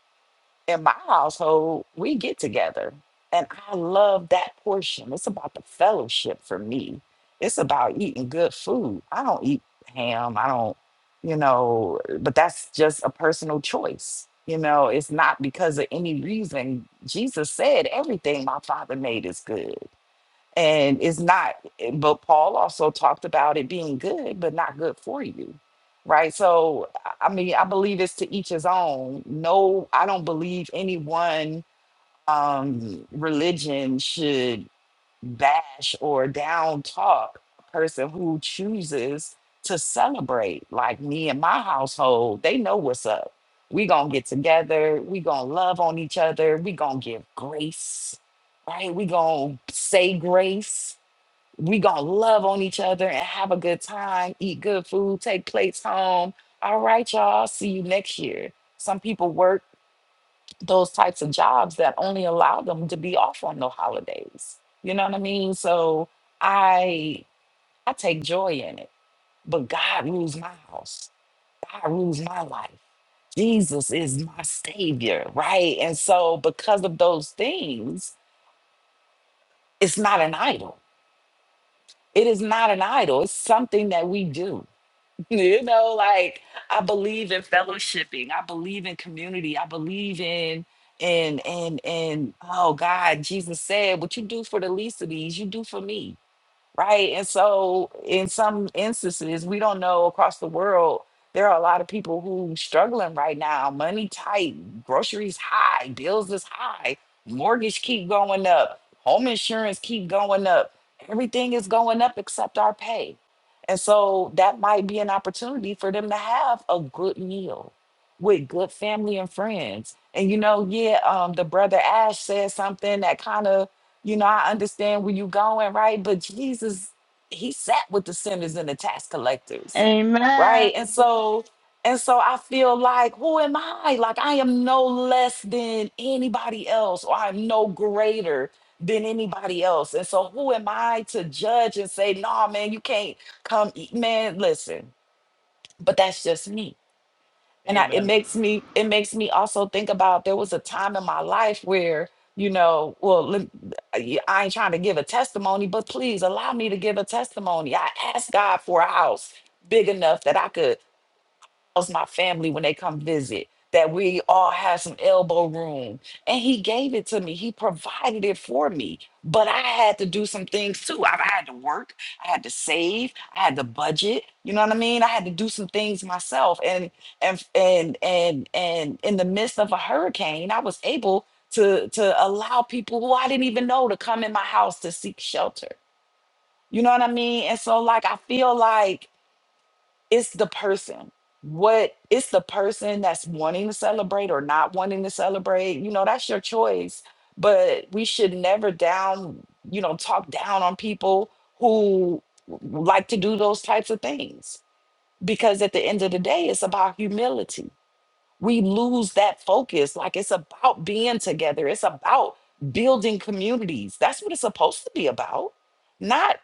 O: in my household, we get together. And I love that portion. It's about the fellowship for me. It's about eating good food. I don't eat ham. I don't, you know, but that's just a personal choice. You know, it's not because of any reason. Jesus said, everything my father made is good and it's not but paul also talked about it being good but not good for you right so i I mean i believe it's to each his own no i don't believe any one um religion should bash or down talk a person who chooses to celebrate like me and my household they know what's up we gonna get together we gonna love on each other we gonna give grace right we gonna say grace we gonna love on each other and have a good time, eat good food, take plates home. All right, y'all. See you next year. Some people work those types of jobs that only allow them to be off on the holidays. You know what I mean? So I I take joy in it. But God rules my house. God rules my life. Jesus is my savior, right? And so because of those things, it's not an idol. It is not an idol. It's something that we do <laughs> You know, like I believe in fellowshipping. I believe in community. I believe in and and and oh God, Jesus said, "What you do for the least of these, you do for me." Right. And so, in some instances, we don't know across the world, there are a lot of people who struggling right now. Money tight, groceries high, bills is high, mortgage keep going up, home insurance keep going up. Everything is going up except our pay. And so that might be an opportunity for them to have a good meal with good family and friends. And you know, yeah, um, the brother Ash said something that kind of you know, I understand where you're going, right? But Jesus, he sat with the sinners and the tax collectors, right?
H: Amen.
O: And so, and so I feel like, who am I? Like I am no less than anybody else, or I'm no greater than anybody else. And so who am I to judge and say, nah, man, you can't come eat, man, listen, but that's just me and I, it
C: Amen.
O: makes me it makes me also think about there was a time in my life where you know well lem- I I ain't trying to give a testimony but please allow me to give a testimony I asked God for a house big enough that I could how's my family when they come visit? That we all have some elbow room. And he gave it to me. He provided it for me. But I had to do some things too. I, I had to work. I had to save. I had to budget. You know what I mean? I had to do some things myself. And and and and and in the midst of a hurricane, I was able to to allow people who I didn't even know to come in my house to seek shelter. You know what I mean? And so like I feel like it's the person what it's the person that's wanting to celebrate or not wanting to celebrate you know that's your choice but we should never down you know talk down on people who like to do those types of things because at the end of the day it's about humility we lose that focus like it's about being together it's about building communities that's what it's supposed to be about not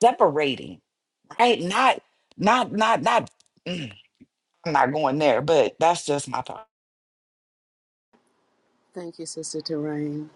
O: separating right not not not not <clears throat> I'm not going there, but that's just my thought.
D: Thank you, Sister Terrain.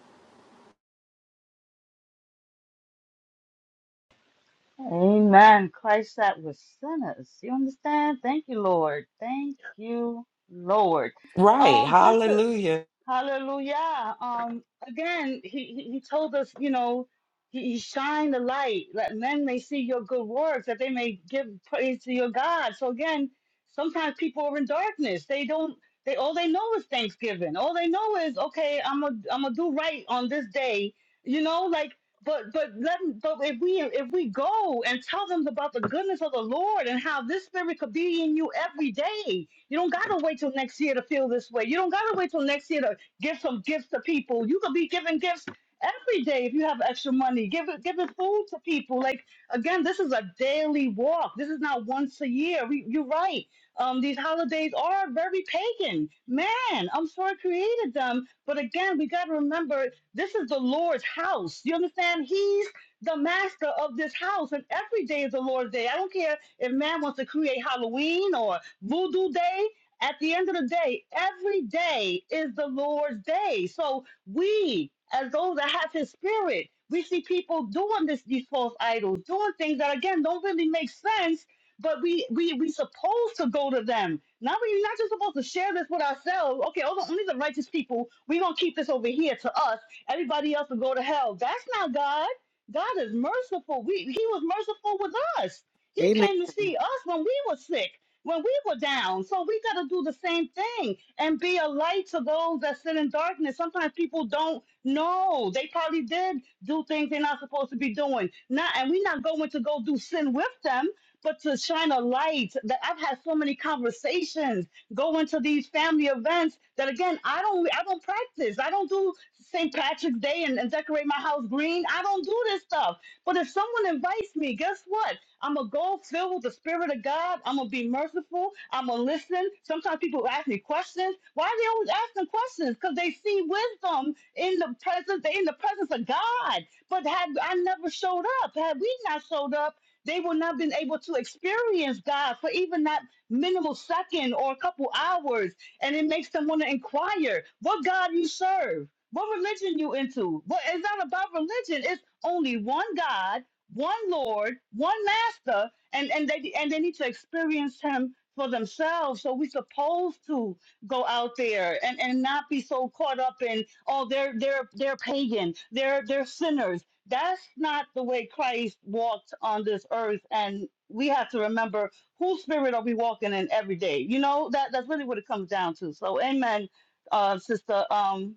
H: Amen. Christ sat with sinners. You understand? Thank you, Lord. Thank you, Lord.
O: Right.
H: Um, just to
O: Hallelujah.
H: Hallelujah. Um, again, he, he he told us, you know, he, he shined the light that men may see your good works, that they may give praise to your God. So again, sometimes people are in darkness. They don't, they, all they know is Thanksgiving. All they know is, okay, I'm a, I'm gonna do right on this day, you know, like, but, but let, but if we, if we go and tell them about the goodness of the Lord and how this spirit could be in you every day, you don't gotta wait till next year to feel this way. You don't gotta wait till next year to Give some gifts to people. You could be giving gifts every day if you have extra money. Give it, giving food to people. Like again, this is a daily walk. This is not once a year. We, you're right. Um, these holidays are very pagan. Man, I'm sorry, created them. But again, we got to remember this is the Lord's house. You understand? He's the master of this house, and every day is the Lord's day. I don't care if man wants to create Halloween or Voodoo Day. At the end of the day, every day is the Lord's day. So we, as those that have His Spirit, we see people doing this, these false idols, doing things that again don't really make sense. But we we we supposed to go to them. Not we not just supposed to share this with ourselves. Okay, only only the righteous people. We gonna keep this over here to us. Everybody else will go to hell. That's not God. God is merciful. We, he was merciful with us. He
D: Amen.
H: came to see us when we were sick when we were down. So we got to do the same thing and be a light to those that sit in darkness. Sometimes people don't know. They probably did do things they're not supposed to be doing. Not, and we're not going to go do sin with them, but to shine a light. That I've had so many conversations going to these family events that again, I don't, I don't practice. I don't do St. Patrick's Day and, and decorate my house green. I don't do this stuff. But if someone invites me, guess what? I'm gonna go filled with the spirit of God. I'm gonna be merciful. I'm gonna listen. Sometimes people ask me questions. Why are they always asking questions? Because they see wisdom in the presence, in the presence of God. But had I never showed up, had we not showed up, they would not have been able to experience God for even that minimal second or a couple hours. And it makes them want to inquire what God you serve. What religion you into? What it's not about religion. It's only one God one Lord, one Master, and and they and they need to experience Him for themselves. So we're supposed to go out there and and not be so caught up in oh they're they're they're pagan, they're they're sinners. That's not the way Christ walked on this earth, and we have to remember whose spirit are we walking in every day. You know that that's really what it comes down to. So, Amen, uh, Sister um,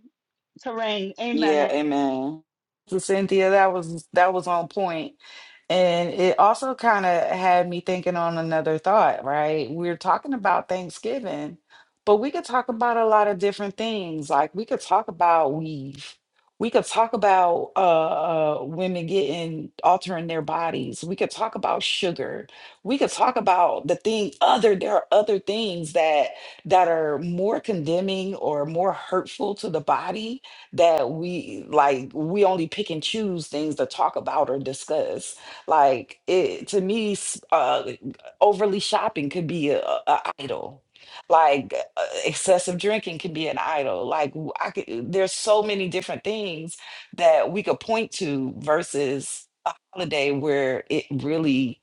H: Terrain,
O: Yeah,
H: Amen.
O: amen. So Cynthia, that was that was on point. And it also kind of had me thinking on another thought, right? We're talking about Thanksgiving, but we could talk about a lot of different things. Like we could talk about weave. We could talk about uh, uh, women getting altering their bodies. We could talk about sugar. We could talk about the thing other. There are other things that that are more condemning or more hurtful to the body that we like we only pick and choose things to talk about or discuss like it to me s- uh overly shopping could be a, a a idol like uh, excessive drinking can be an idol like w- i could there's so many different things that we could point to versus a holiday where it really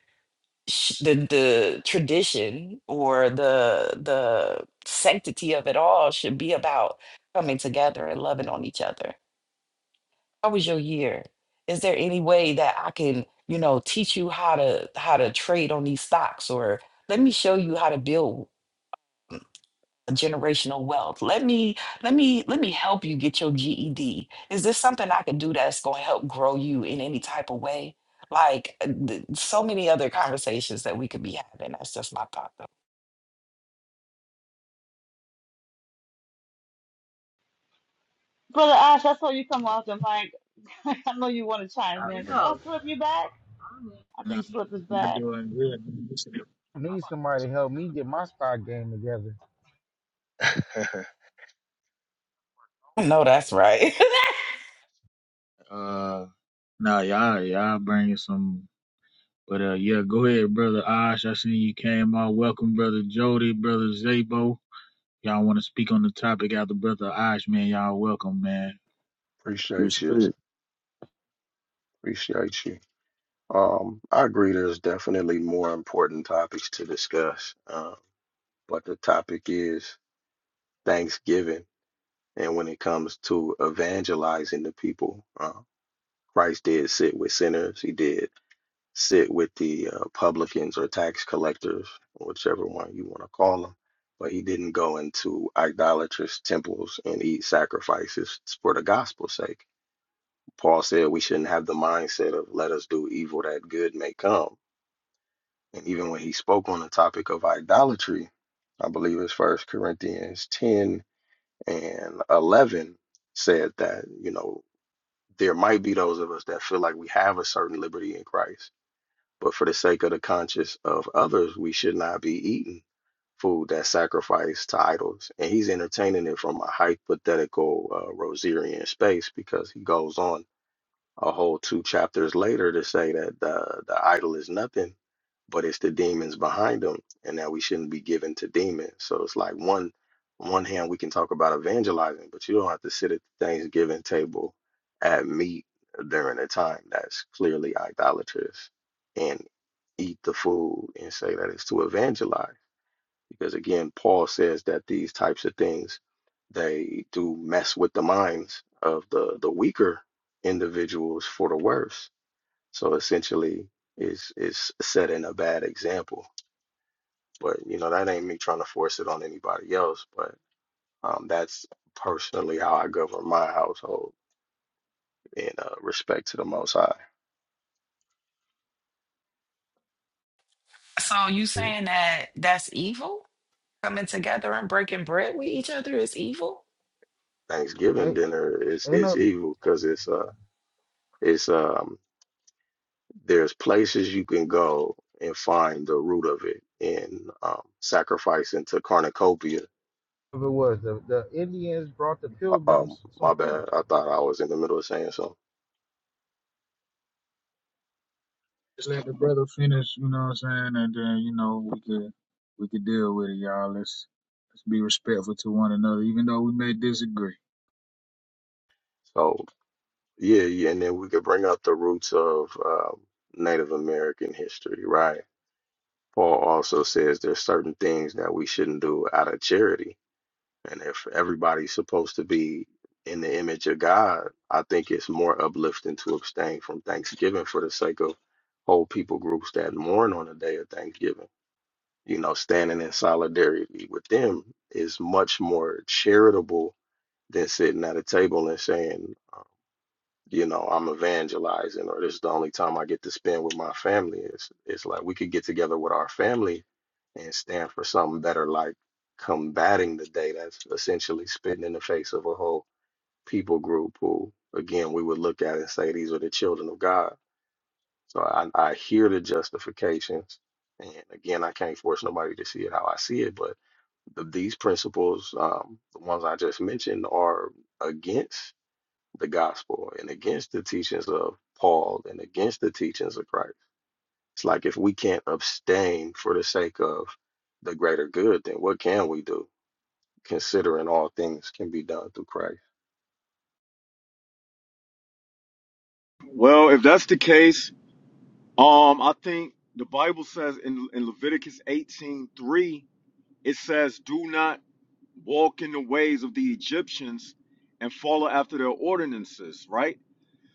O: sh- the the tradition or the the sanctity of it all should be about coming together and loving on each other how was your year? Is there any way that I can, you know, teach you how to how to trade on these stocks or let me show you how to build generational wealth. Let me let me let me help you get your GED. Is this something I can do that's going to help grow you in any type of way? Like uh, th- so many other conversations that we could be having. That's just my thought though.
H: Brother Ash, I saw you come off the mic. <laughs> I know you want to chime
A: Out
H: in.
A: there.
H: Oh, Slip, you back? I
A: Nah,
H: think Slip is
A: You're
H: back.
A: doing good.
L: I need somebody to help me get my spot game together.
A: <laughs>
O: I know that's right.
A: Uh, nah, y'all, y'all bringing some. But uh, yeah, go ahead, brother Osh. I seen you came on. Welcome, brother Jody, brother Zabo. Y'all want to speak on the topic after brother Osh, man? Y'all welcome, man.
N: Appreciate
P: Respect.
N: you. Appreciate you. Um, I agree there's definitely more important topics to discuss, uh, but the topic is Thanksgiving. And when it comes to evangelizing the people, uh, Christ did sit with sinners, he did sit with the uh, publicans or tax collectors, whichever one you want to call them. But he didn't go into idolatrous temples and eat sacrifices for the gospel's sake. Paul said we shouldn't have the mindset of let us do evil that good may come And even when he spoke on the topic of idolatry, I believe it's First Corinthians 10 and 11 said that, you know, there might be those of us that feel like we have a certain liberty in Christ, but for the sake of the conscience of others, we should not be eating food that's sacrificed to idols. And he's entertaining it from a hypothetical uh, Rosarian space because he goes on a whole two chapters later to say that the the idol is nothing, but it's the demons behind them, and that we shouldn't be given to demons. So it's like one on one hand we can talk about evangelizing, but you don't have to sit at the Thanksgiving table at meat during a time that's clearly idolatrous and eat the food and say that it's to evangelize because again paul says that these types of things they do mess with the minds of the the weaker individuals for the worse so essentially is is setting a bad example but you know that ain't me trying to force it on anybody else but um that's personally how i govern my household in uh, respect to the most high
O: <laughs> so you saying that that's evil? Coming together and breaking bread with each other is evil?
N: thanksgiving
L: Ain't,
N: dinner is
L: ain't
N: is
L: no
N: evil because it's uh it's um there's places you can go and find the root of it in um, sacrificing to cornucopia.
L: if it was the, the Indians brought the
N: Uh, Um,
L: Pilgrims some
N: my
L: food.
N: bad. I thought I was in the middle of saying something.
A: Just let the brother finish. You know what I'm saying? And then you know we could we could deal with it, y'all. Let's let's be respectful to one another, even though we may disagree.
N: So yeah, yeah, and then we could bring up the roots of um, Native American history, right? Paul also says there's certain things that we shouldn't do out of charity And if everybody's supposed to be in the image of God, I think it's more uplifting to abstain from Thanksgiving for the sake of whole people groups that mourn on the day of Thanksgiving. You know, standing in solidarity with them is much more charitable than sitting at a table and saying, you know, I'm evangelizing or this is the only time I get to spend with my family. It's it's like we could get together with our family and stand for something better like combating the day that's essentially spitting in the face of a whole people group who again we would look at and say these are the children of God. So I, I hear the justifications and again I can't force nobody to see it how I see it, but the, these principles, um, the ones I just mentioned, are against the gospel and against the teachings of Paul and against the teachings of Christ. It's like if we can't abstain for the sake of the greater good, then what can we do? Considering all things can be done through Christ.
Q: Well, if that's the case, um, I think the Bible says in, in Leviticus 18:3 it says, Do not walk in the ways of the Egyptians and follow after their ordinances, right?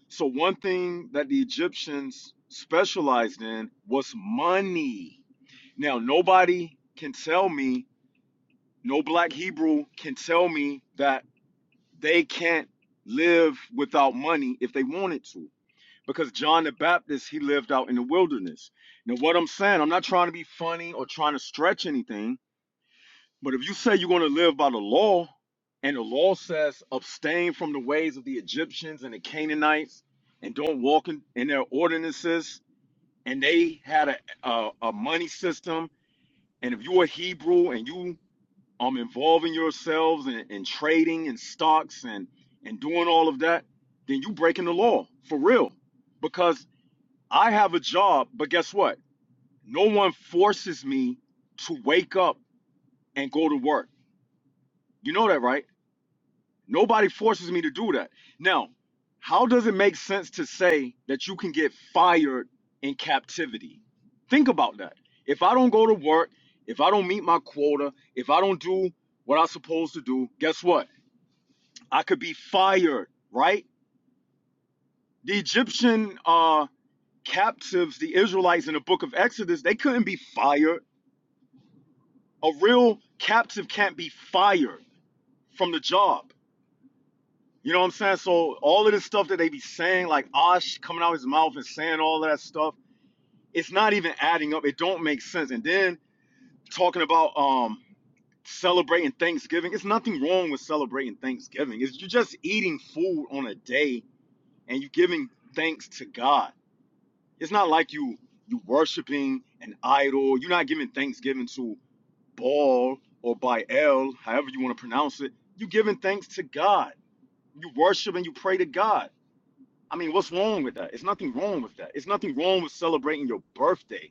Q: So, one thing that the Egyptians specialized in was money. Now, nobody can tell me, no black Hebrew can tell me that they can't live without money if they wanted to because John the Baptist he lived out in the wilderness. Now what I'm saying, I'm not trying to be funny or trying to stretch anything, but if you say you're going to live by the law and the law says abstain from the ways of the Egyptians and the Canaanites and don't walk in, in their ordinances and they had a, a a money system and if you're a Hebrew and you um involving yourselves in, in trading and stocks and and doing all of that, then you breaking the law for real because I have a job, but guess what? No one forces me to wake up and go to work. You know that, right? Nobody forces me to do that. Now, how does it make sense to say that you can get fired in captivity? Think about that. If I don't go to work, if I don't meet my quota, if I don't do what I'm supposed to do, guess what? I could be fired, right? The Egyptian uh, captives, the Israelites in the book of Exodus, they couldn't be fired A real captive can't be fired from the job. You know what I'm saying? So all of this stuff that they be saying, like Osh coming out of his mouth and saying all of that stuff, it's not even adding up. It don't make sense. And then talking about um celebrating Thanksgiving, it's nothing wrong with celebrating Thanksgiving. It's you're just eating food on a day and you giving thanks to God. It's not like you you worshiping an idol. You're not giving thanksgiving to Baal or by El, however you want to pronounce it, you giving thanks to God. You worship and you pray to God. I mean, what's wrong with that? It's nothing wrong with that. It's nothing wrong with celebrating your birthday.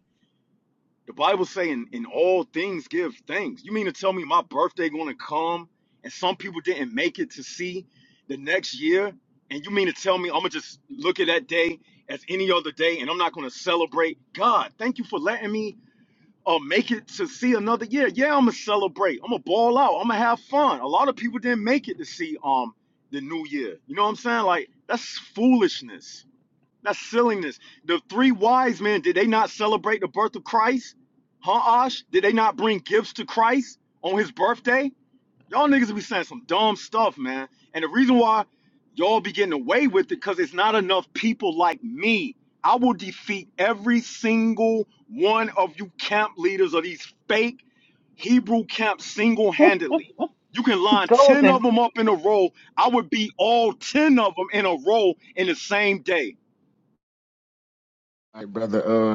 Q: The Bible saying in all things give thanks. You mean to tell me my birthday gonna come and some people didn't make it to see the next year? And you mean to tell me I'm gonna just look at that day as any other day and I'm not gonna celebrate? God, thank you for letting me or make it to see another year. Yeah, I'm gonna celebrate. I'm gonna ball out. I'm gonna have fun. A lot of people didn't make it to see um the new year. You know what I'm saying? Like that's foolishness. That's silliness. The three wise men did they not celebrate the birth of Christ? Huh, Ash? Did they not bring gifts to Christ on his birthday? Y'all niggas be saying some dumb stuff, man. And the reason why y'all be getting away with it, because it's not enough people like me. I will defeat every single one of you camp leaders of these fake Hebrew camps single handedly. You can line 10
H: Golden.
Q: of them up in a row. I would beat all 10 of them in a row in the same day.
A: All right, brother. Uh,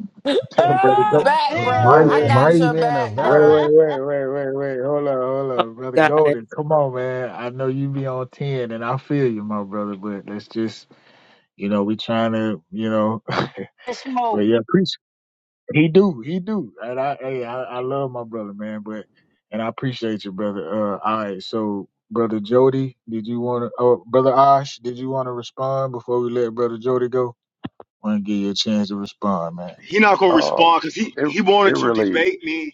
A: <laughs> brother,
O: Ah,
A: go.
O: back,
L: Uh,
O: bruh.
A: Wait,
L: Mighty,
O: I
A: wait,
O: got
H: golden,
L: mighty
O: your
L: man of
O: back, bruh.
A: wait,
L: valor.
A: wait, wait,
H: <laughs>
A: wait, wait, wait. Hold on, hold
D: I love
A: on, brother Golden. Come on, man. I know you be on ten, and I feel you, my brother. But let's just You know, we trying to, you know, <laughs> but
H: Smoke.
A: yeah, appreciate he do, he do, and I, hey, I, I love my brother, man, but and I appreciate you, brother. Uh, all right, so brother Jody, did you want to, oh, brother Osh, did you want to respond before we let brother Jody go? Want to give you a chance to respond, man.
Q: He not going to
N: Um,
Q: respond because he,
N: it
Q: he
N: it
Q: wanted to
N: really
Q: debate me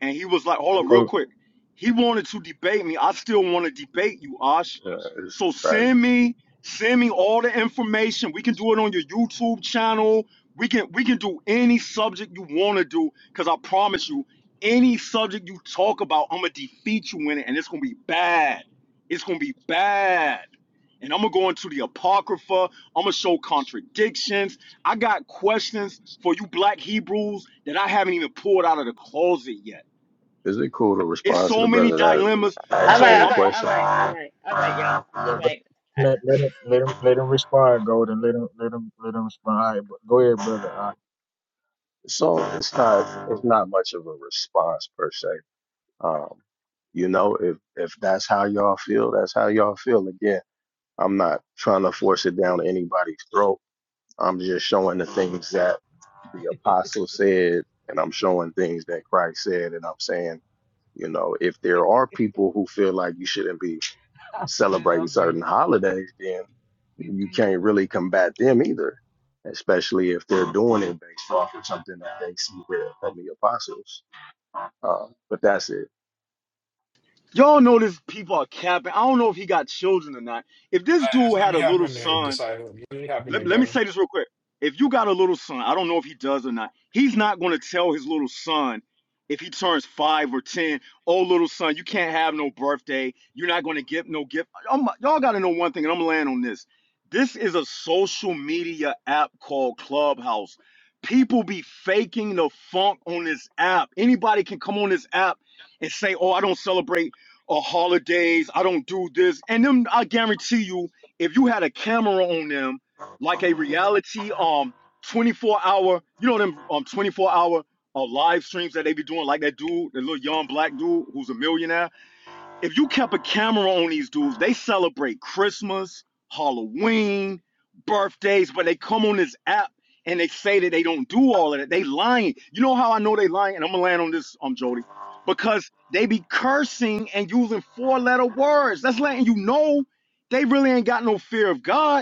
Q: and he was like, "Hold up, real
A: Hold,
Q: quick." He wanted to debate me. I still want to debate you, Ash.
N: uh, this is
Q: So
N: Christ.
Q: send me, send me all the information. We can do it on your YouTube channel. We can we can do any subject you want to do. Cause I promise you, any subject you talk about, I'ma defeat you in it, and it's gonna be bad. It's gonna be bad. And I'm gonna go into the apocrypha. I'm gonna show contradictions. I got questions for you, Black Hebrews, that I haven't even pulled out of the closet yet.
N: Is it cool to
Q: It's
N: respond to the
Q: so many
N: brother that
Q: dilemmas.
H: All
N: asked
Q: So
N: me
H: right, all
N: a
Q: I'm
H: right,
Q: uh,
H: all
N: question?
H: right, all right, all right, y'all. All
A: yeah, but
H: right.
A: let let him let him let him respond, Golden. Let him let him let him respond. All right, go ahead, brother. Osh.
N: So it's not it's not much of a response per se. Um, you know, if if that's how y'all feel, that's how y'all feel. Again, I'm not trying to force it down anybody's throat. I'm just showing the things that the apostle said, and I'm showing things that Christ said, and I'm saying, you know, if there are people who feel like you shouldn't be celebrating certain holidays, then you can't really combat them either, especially if they're doing it based off of something that they see with from the apostles. Um, but that's it.
Q: y'all know this people are capping. I don't know if he got children or not. If this dude
R: Last, let
Q: had
R: me
Q: a
R: hop
Q: little
R: in there,
Q: son
R: disciple. Let me hop in there,
Q: let, let me
R: go.
Q: say this real quick. If you got a little son, I don't know if he does or not, he's not going to tell his little son if he turns five or 10, oh, little son, you can't have no birthday. You're not going to get no gift. Oh my- y'all got to know one thing, and I'm laying on this. This is a social media app called Clubhouse. People be faking the funk on this app. Anybody can come on this app and say, oh, I don't celebrate uh, holidays. I don't do this. And then I guarantee you, if you had a camera on them, like a reality um 24 hour you know them um 24 hour uh, live streams that they be doing like that dude the little young black dude who's a millionaire if you kept a camera on these dudes they celebrate christmas halloween birthdays but they come on this app and they say that they don't do all of that they lying you know how i know they lying and i'm gonna land on this um jody because they be cursing and using four letter words that's letting you know they really ain't got no fear of god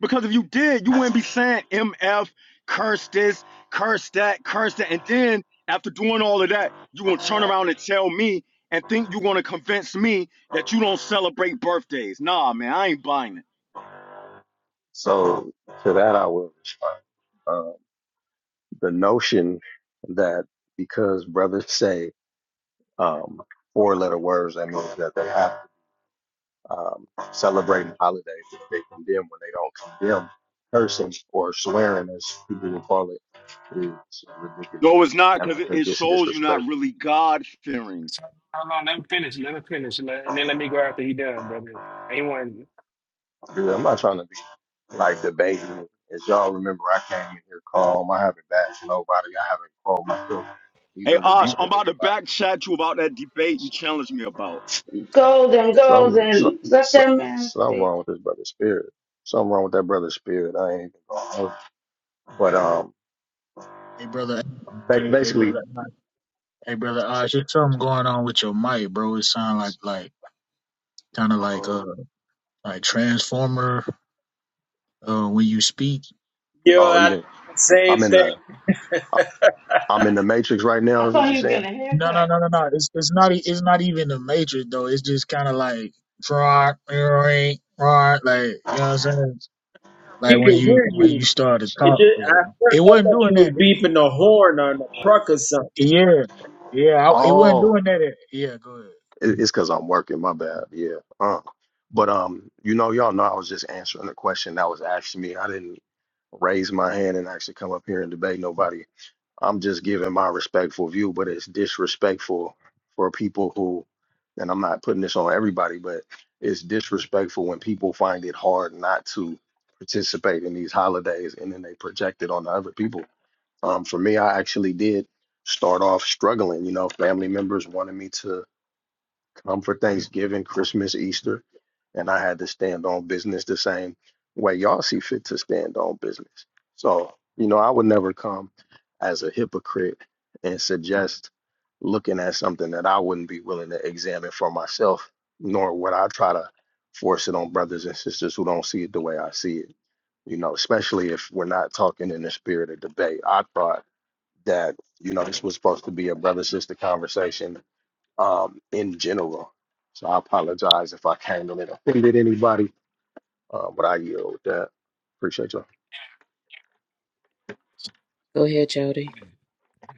Q: because if you did, you wouldn't be saying MF, curse this, curse that, curse that. And then after doing all of that, you gonna turn around and tell me and think you're gonna convince me that you don't celebrate birthdays. Nah, man, I ain't buying it.
N: So to that, I will respond. Um, the notion that because brothers say um, four letter words. That means that they have um, celebrating holidays that they condemn when they don't condemn. Cursing or swearing, as people will call it, is ridiculous.
Q: No, it's not,
N: And
Q: because
N: I
Q: it,
N: think
Q: it
N: it's
Q: shows you're
N: disrespectful.
Q: not really God fearing.
R: How long? Let him finish. Let him finish. Let, and then let me go after he done, brother. Anyone?
N: I'm not trying to be like debating. As y'all remember, I came in here calm. I haven't bashed nobody. I haven't called myself even
Q: Hey Osh,
N: rebuking
Q: I'm about to
N: anybody.
Q: back chat you about that debate you challenged me about.
H: Golden,
N: Some, some,
H: golden. Let
N: some,
H: that man
N: something
H: speak.
N: wrong with this brother's spirit. Something wrong with that brother's spirit. I ain't even gonna. hold it. But um,
A: Hey, brother.
N: Ba-
A: Hey, hey,
N: basically,
A: brother. Hey, brother Osh. There's something going on with your mic, bro. It sound like like kind of like uh
N: uh,
A: like transformer uh when you speak
C: you know
N: oh, you
C: I,
N: didn't. I'm in the I- I'm in the matrix right now.
H: I
N: Is what
H: thought
N: you
H: he was
N: saying?
H: getting a
A: no no
H: haircut.
A: no no no it's it's not e- it's not even the matrix though it's just kind of like rock rock, rock, like you know what i'm saying like
C: we
A: when
C: can
A: you
C: hear
A: when
C: you
A: you start to
C: It
A: talk to
C: just at
A: him.
C: first
A: it
C: I
A: wasn't
C: thought you
A: doing
C: was
A: that
C: beeping the horn on the truck or something.
A: yeah yeah I, it wasn't
N: Oh,
A: doing that at, yeah go
N: it- it's because I'm working. My bad. Yeah. Uh. But um, you know, y'all know I was just answering the question that was asked to me. I didn't raise my hand and actually come up here and debate nobody. I'm just giving my respectful view, but it's disrespectful for people who, and I'm not putting this on everybody, but it's disrespectful when people find it hard not to participate in these holidays and then they project it on the other people. Um, for me, I actually did start off struggling. You know, family members wanted me to um, for Thanksgiving, Christmas, Easter, and I had to stand on business the same way y'all see fit to stand on business. So, you know, I would never come as a hypocrite and suggest looking at something that I wouldn't be willing to examine for myself, nor would I try to force it on brothers and sisters who don't see it the way I see it. You know, especially if we're not talking in the spirit of debate. I thought that, you know, this was supposed to be a brother sister conversation um, in general. So I apologize if I came in and offended anybody, uh, but I yield with that. Appreciate you. all
D: Go ahead, Jody.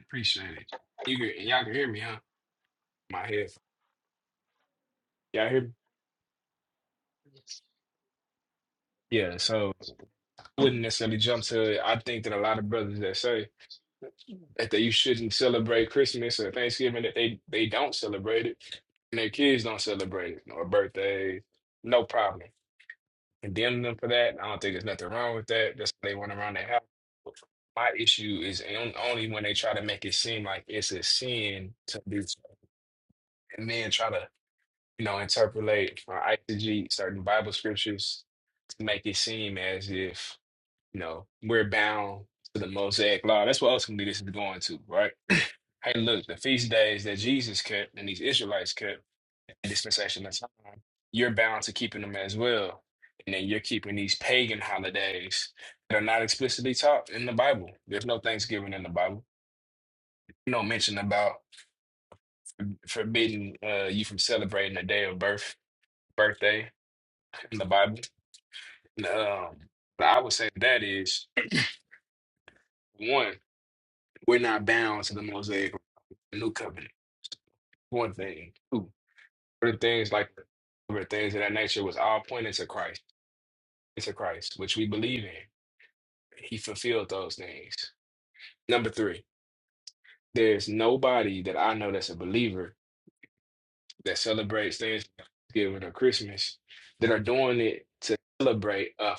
R: Appreciate it. You can, y'all can hear me, huh? My head. Y'all hear me? Yeah, so I wouldn't necessarily jump to it. I think that a lot of brothers that say that they, you shouldn't celebrate Christmas or Thanksgiving, that they, they don't celebrate it and their kids don't celebrate it or birthdays, no problem. condemn them for that. I don't think there's nothing wrong with that. That's how they went around their house. My issue is on- only when they try to make it seem like it's a sin to do so, and then try to, you know, interpolate or eisegete certain Bible scriptures to make it seem as if, you know, we're bound to the Mosaic law. That's what ultimately this is going to, right? <clears throat> Hey, look, the feast days that Jesus kept and these Israelites kept dispensation of time, you're bound to keeping them as well. And then you're keeping these pagan holidays that are not explicitly taught in the Bible. There's no Thanksgiving in the Bible. No mention about forbidding uh, you from celebrating a day of birth, birthday in the Bible. Um, but I would say that is one, we're not bound to the Mosaic New Covenant. One thing. Two, other things like other things of that nature was all pointed to Christ, to Christ, which we believe in. He fulfilled those things. Number three, there's nobody that I know that's a believer that celebrates Thanksgiving or Christmas that are doing it to celebrate a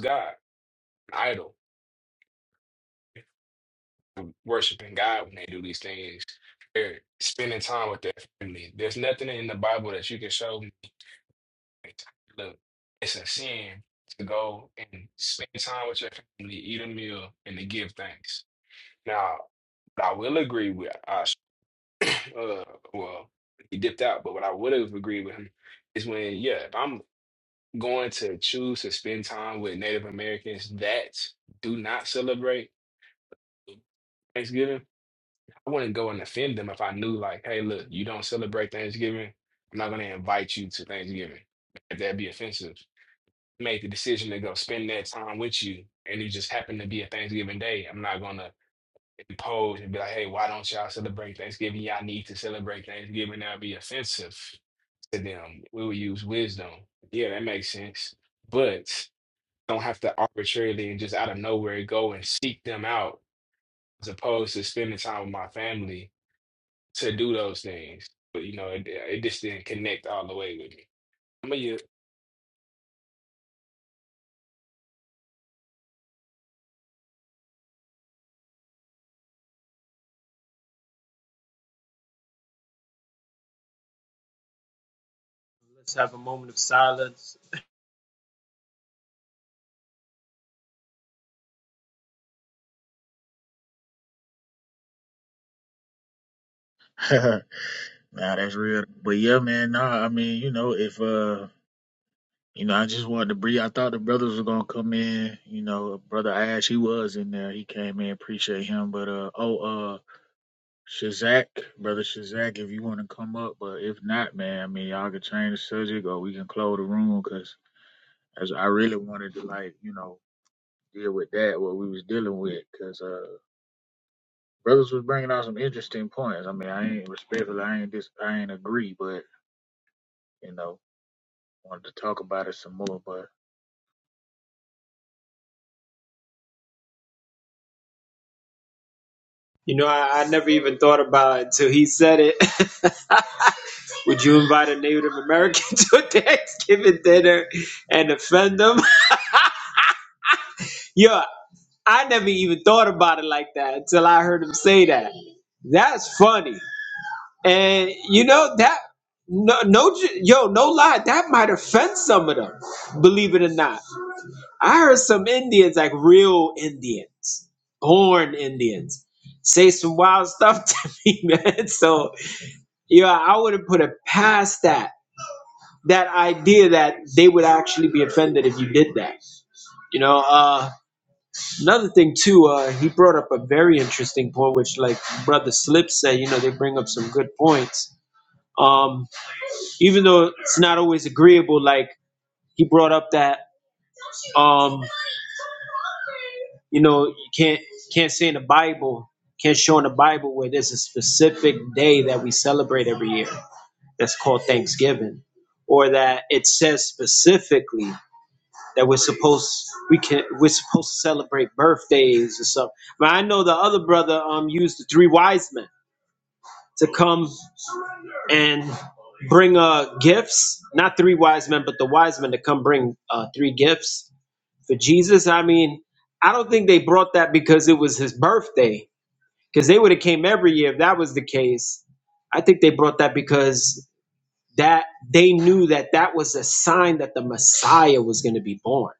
R: God, an idol, worshiping God when they do these things. They're spending time with their family. There's nothing in the Bible that you can show me. Look, it's a sin to go and spend time with your family, eat a meal, and to give thanks. Now, I will agree with Asha. uh well he dipped out but what i would have agreed with him is when yeah if i'm going to choose to spend time with native americans that do not celebrate thanksgiving i wouldn't go and offend them if i knew like hey look you don't celebrate thanksgiving i'm not going to invite you to thanksgiving if that'd be offensive I made the decision to go spend that time with you and it just happened to be a thanksgiving day i'm not going to impose and be like hey why don't y'all celebrate thanksgiving y'all need to celebrate thanksgiving that'd be offensive to them. We will use wisdom. Yeah, that makes sense. But don't have to arbitrarily and just out of nowhere go and seek them out as opposed to spending time with my family to do those things. But you know, it, it just didn't connect all the way with me. I'm a
C: Just have a moment of silence.
A: ahead <laughs> nah that's real but yeah man nah i mean you know if uh You know, I just wanted to breathe. I thought the brothers were gonna come in. You know, brother Ash, he was in there. He came in. Appreciate him. But uh, oh uh, Shazak, brother Shazak, if you want to come up, but if not, man, I mean, y'all can change the subject or we can close the room because as I really wanted to like, you know, deal with that what we was dealing with because uh, brothers was bringing out some interesting points. I mean, I ain't respectfully, I ain't dis, I ain't agree, but you know, wanted to talk about it some more. but.
C: You know, I, I never even thought about it until he said it. <laughs> Would you invite a Native American <laughs> to a Thanksgiving dinner and offend them? <laughs> Yo, I never even thought about it like that until I heard him say that. That's funny, and you know that no no j- yo no lie that might offend some of them. Believe it or not. I heard some Indians, like real Indians, born Indians, say some wild stuff <laughs> to me, man. So, yeah, I wouldn't put it past that. That idea that they would actually be offended if you did that. You know, uh, another thing too, uh, he brought up a very interesting point, which, like Brother Slip said, you know, they bring up some good points. Um, even though it's not always agreeable, like he brought up that. Um, You know, you can't can't say in the Bible, can't show in the Bible where there's a specific day that we celebrate every year that's called Thanksgiving, or that it says specifically that we're supposed we can we're supposed to celebrate birthdays or something. But I know the other brother um used the three wise men to come and bring uh gifts, not three wise men, but the wise men to come bring uh three gifts for Jesus. I mean, I don't think they brought that because it was his birthday, because they would have came every year if that was the case. I think they brought that because that they knew that that was a sign that the Messiah was going to be born,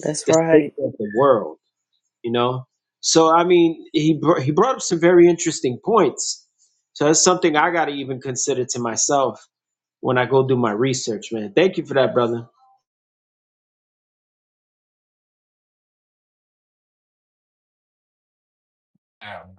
D: That's
C: the
D: right.
C: Savior of the world. You know, so I mean, he br- he brought up some very interesting points. So that's something I got to even consider to myself when I go do my research, man. Thank you for that, brother.
R: you.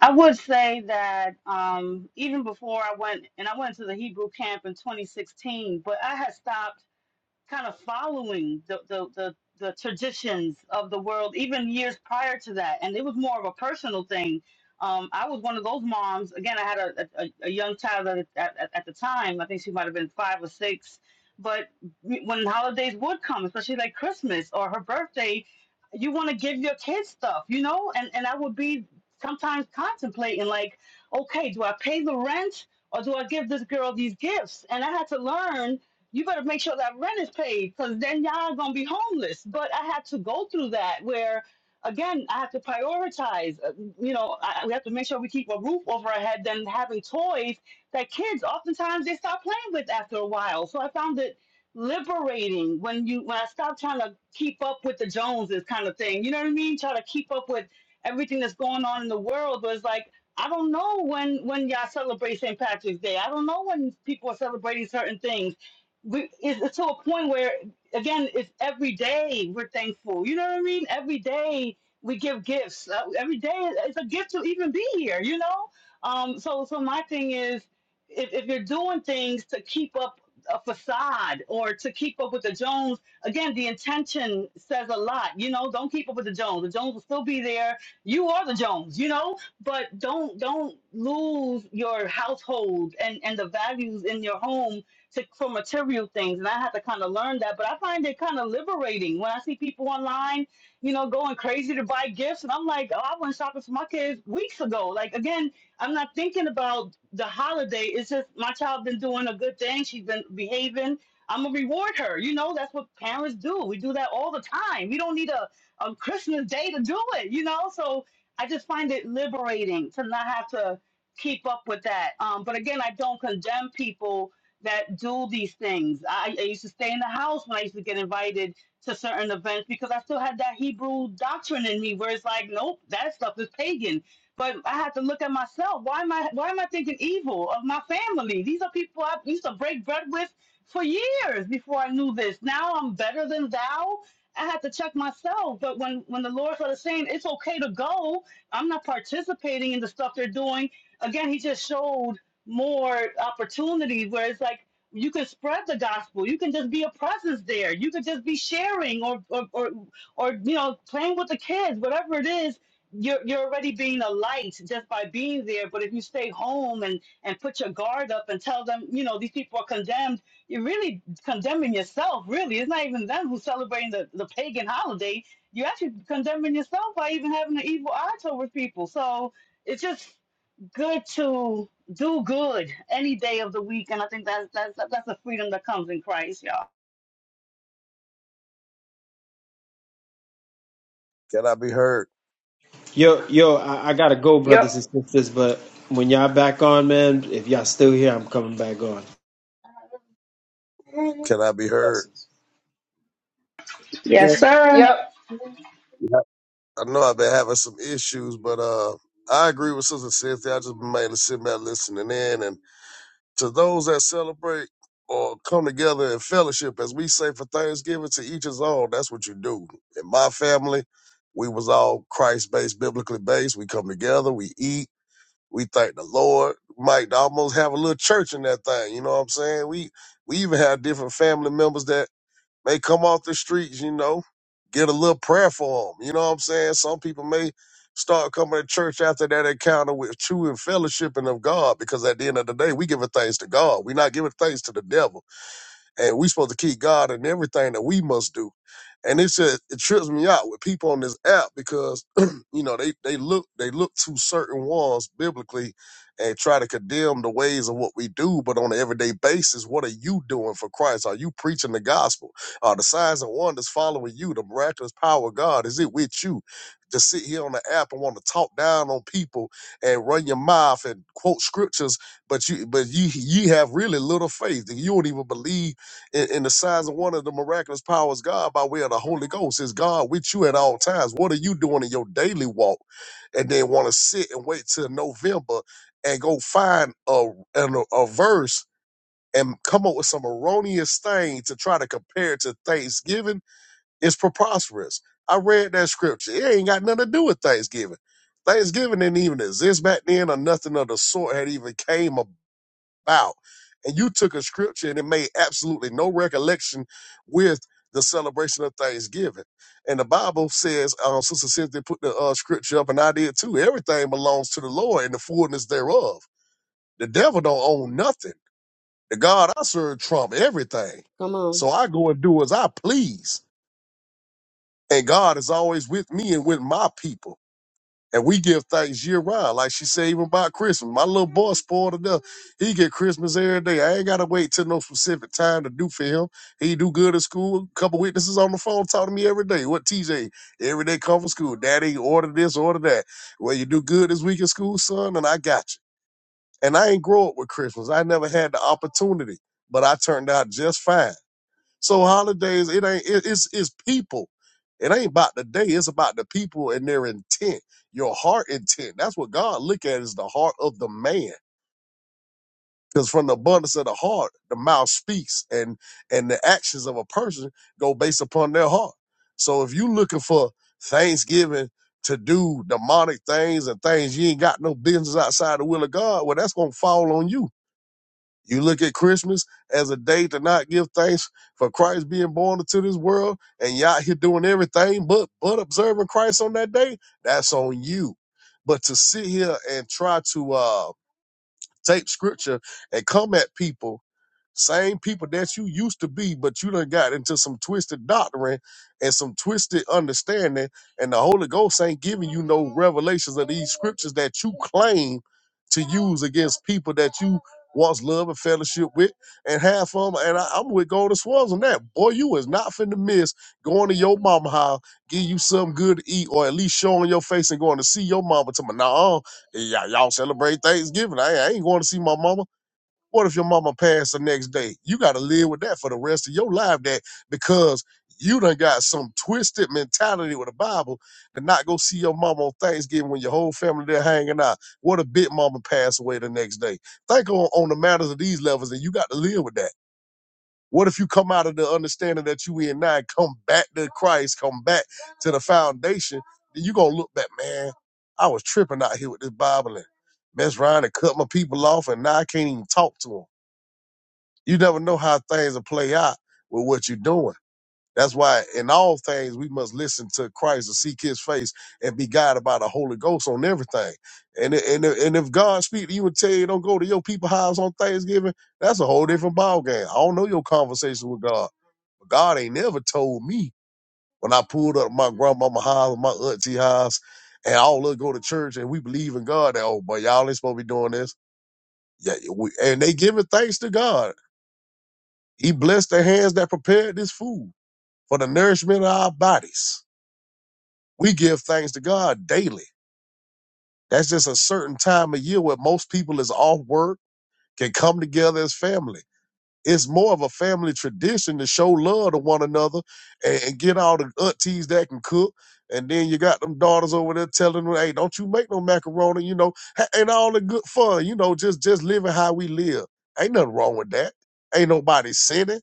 H: I would say that um, even before I went, and I went to the Hebrew camp in 2016, but I had stopped. kind of following the, the, the, the traditions of the world, even years prior to that. And it was more of a personal thing. Um, I was one of those moms. Again, I had a, a, a young child at, at, at at the time. I think she might have been five or six. But when holidays would come, especially like Christmas or her birthday, you want to give your kids stuff, you know? And, and I would be sometimes contemplating, like, okay, do I pay the rent or do I give this girl these gifts? And I had to learn you better make sure that rent is paid because then y'all gonna be homeless. But I had to go through that where, again, I have to prioritize. uh, You know, I, we have to make sure we keep a roof over our head than having toys that kids oftentimes they stop playing with after a while. So I found it liberating when you when I stopped trying to keep up with the Joneses kind of thing. You know what I mean? Try to keep up with everything that's going on in the world, but it's like I don't know when when y'all celebrate St. Patrick's Day. I don't know when people are celebrating certain things we it's to a point where again it's every day we're thankful you know what i mean every day we give gifts Uh, every day it's a gift to even be here you know um so so my thing is if, if you're doing things to keep up a facade or to keep up with the jones again the intention says a lot you know don't keep up with the jones the jones will still be there you are the jones you know but don't don't lose your household and and the values in your home to, for material things. And I had to kind of learn that. But I find it kind of liberating when I see people online, you know, going crazy to buy gifts. And I'm like, oh, I went shopping for my kids weeks ago. Like, again, I'm not thinking about the holiday. It's just my child been doing a good thing. She's been behaving. I'm gonna reward her. You know, that's what parents do. We do that all the time. We don't need a, a Christmas day to do it, you know? So I just find it liberating to not have to keep up with that. Um, but again, I don't condemn people that do these things. I, I used to stay in the house when I used to get invited to certain events because I still had that Hebrew doctrine in me where it's like, nope, that stuff is pagan. But I had to look at myself. Why am I why am I thinking evil of my family? These are people I used to break bread with for years before I knew this. Now I'm better than thou. I had to check myself. But when when the Lord started saying it's okay to go, I'm not participating in the stuff they're doing. Again, he just showed more opportunity where it's like you can spread the gospel you can just be a presence there you can just be sharing or or or, or you know playing with the kids whatever it is you're, you're already being a light just by being there but if you stay home and and put your guard up and tell them you know these people are condemned you're really condemning yourself really it's not even them who's celebrating the, the pagan holiday you're actually condemning yourself by even having an evil eye towards people so it's just good to do good any day of the week, and I think that's that's that's the freedom that comes in Christ, y'all.
F: Can I be heard?
C: Yo, yo, I, I gotta go,
I: Yep,
C: brothers and sisters. But when y'all back on, man, if y'all still here, I'm coming back on.
F: Can I be heard?
C: Blessings.
F: Yeah.
H: Yes,
D: Yes,
H: sir.
I: yep.
F: I know I've been having some issues, but uh, I agree with Sister Cynthia. I just been mainly sitting back listening in, and. to those that celebrate or come together in fellowship, as we say for Thanksgiving, to each his own. That's what you do. In my family, we was all Christ based, biblically based. We come together, we eat, we thank the Lord. Might almost have a little church in that thing. You know what I'm saying? We we even have different family members that may come off the streets, you know, get a little prayer for them. You know what I'm saying? Some people may start coming to church after that encounter with true and fellowshipping of God because at the end of the day, we giving thanks to God. we not giving thanks to the devil and we supposed to keep God in everything that we must do. And it just it trips me out with people on this app because <clears throat> you know they they look they look to certain ones biblically and try to condemn the ways of what we do, but on an everyday basis, what are you doing for Christ? Are you preaching the gospel? Are the signs and wonders following you? The miraculous power of God is it with you? To sit here on the app and want to talk down on people and run your mouth and quote scriptures, but you but you ye have really little faith. You don't even believe in, in the signs of one of the miraculous powers God by way of the Holy Ghost is God with you at all times. What are you doing in your daily walk? And then want to sit and wait till November and go find a, an- a, verse and come up with some erroneous thing to try to compare it to Thanksgiving It's preposterous. I read that scripture. It ain't got nothing to do with Thanksgiving. Thanksgiving didn't even exist back then or nothing of the sort had even came about about. And you took a scripture and it made absolutely no recollection with the celebration of Thanksgiving. And the Bible says, um, Sister Cynthia put the uh, scripture up, and I did too. Everything belongs to the Lord and the fullness thereof. The devil don't own nothing. The God I serve trump everything.
D: Come on.
F: So I go and do as I please. And God is always with me and with my people. And we give thanks year round. Like she said, even about Christmas. My little boy spoiled enough. He get Christmas every day. I ain't gotta wait till no specific time to do for him. He do good at school. A couple witnesses on the phone talking to me every day. What TJ? Every day come from school. Daddy, order this, order that. Well, you do good this week in school, son, and I got you. And I ain't grow up with Christmas. I never had the opportunity, but I turned out just fine. So holidays, it ain't it, it's it's people. It ain't about the day. It's about the people and their intent, your heart intent. That's what God look at is the heart of the man. Because from the abundance of the heart, the mouth speaks, and and the actions of a person go based upon their heart. So if you looking for Thanksgiving to do demonic things and things you ain't got no business outside the will of God, well, that's gonna fall on you you look at Christmas as a day to not give thanks for Christ being born into this world, and y'all here doing everything but but observing Christ on that day. That's on you. But to sit here and try to uh take scripture and come at people, same people that you used to be, but you done got into some twisted doctrine and some twisted understanding, and the Holy Ghost ain't giving you no revelations of these scriptures that you claim to use against people that you once loved and fellowship with and have fun. And I, I'm with Golden Swirls on that. Boy, you is not finna miss going to your mama house, give you something good to eat, or at least showing your face and going to see your mama to my nah you y'all celebrate Thanksgiving. I, I ain't going to see my mama. What if your mama passed the next day? You got to live with that for the rest of your life. That because you done got some twisted mentality with the Bible to not go see your mama on Thanksgiving when your whole family there hanging out. What if big mama passed away the next day? Think on, on the matters of these levels, and you got to live with that. What if you come out of the understanding that you in now, and come back to Christ, come back to the foundation, then you gonna look back, man, I was tripping out here with this Bible and mess around and cut my people off and now I can't even talk to them. You never know how things will play out with what you're doing. That's why in all things we must listen to Christ and seek his face and be guided by the Holy Ghost on everything. And and and if God speak to you and tell you don't go to your people house on Thanksgiving, that's a whole different ball game. I don't know your conversation with God. God ain't never told me when I pulled up my grandmama house, my auntie house, and all us go to church and we believe in God. That, oh, but y'all ain't supposed to be doing this. Yeah, yeah, we, and they giving thanks to God. He blessed the hands that prepared this food for the nourishment of our bodies. We give thanks to God daily. That's just a certain time of year where most people is off work, can come together as family. it's more of a family tradition to show love to one another and, and get all the aunties that can cook. And then you got them daughters over there telling them, "Hey, don't you make no macaroni?" You know, Ha- and all the good fun. You know, just just living how we live. Ain't nothing wrong with that. Ain't nobody sinning.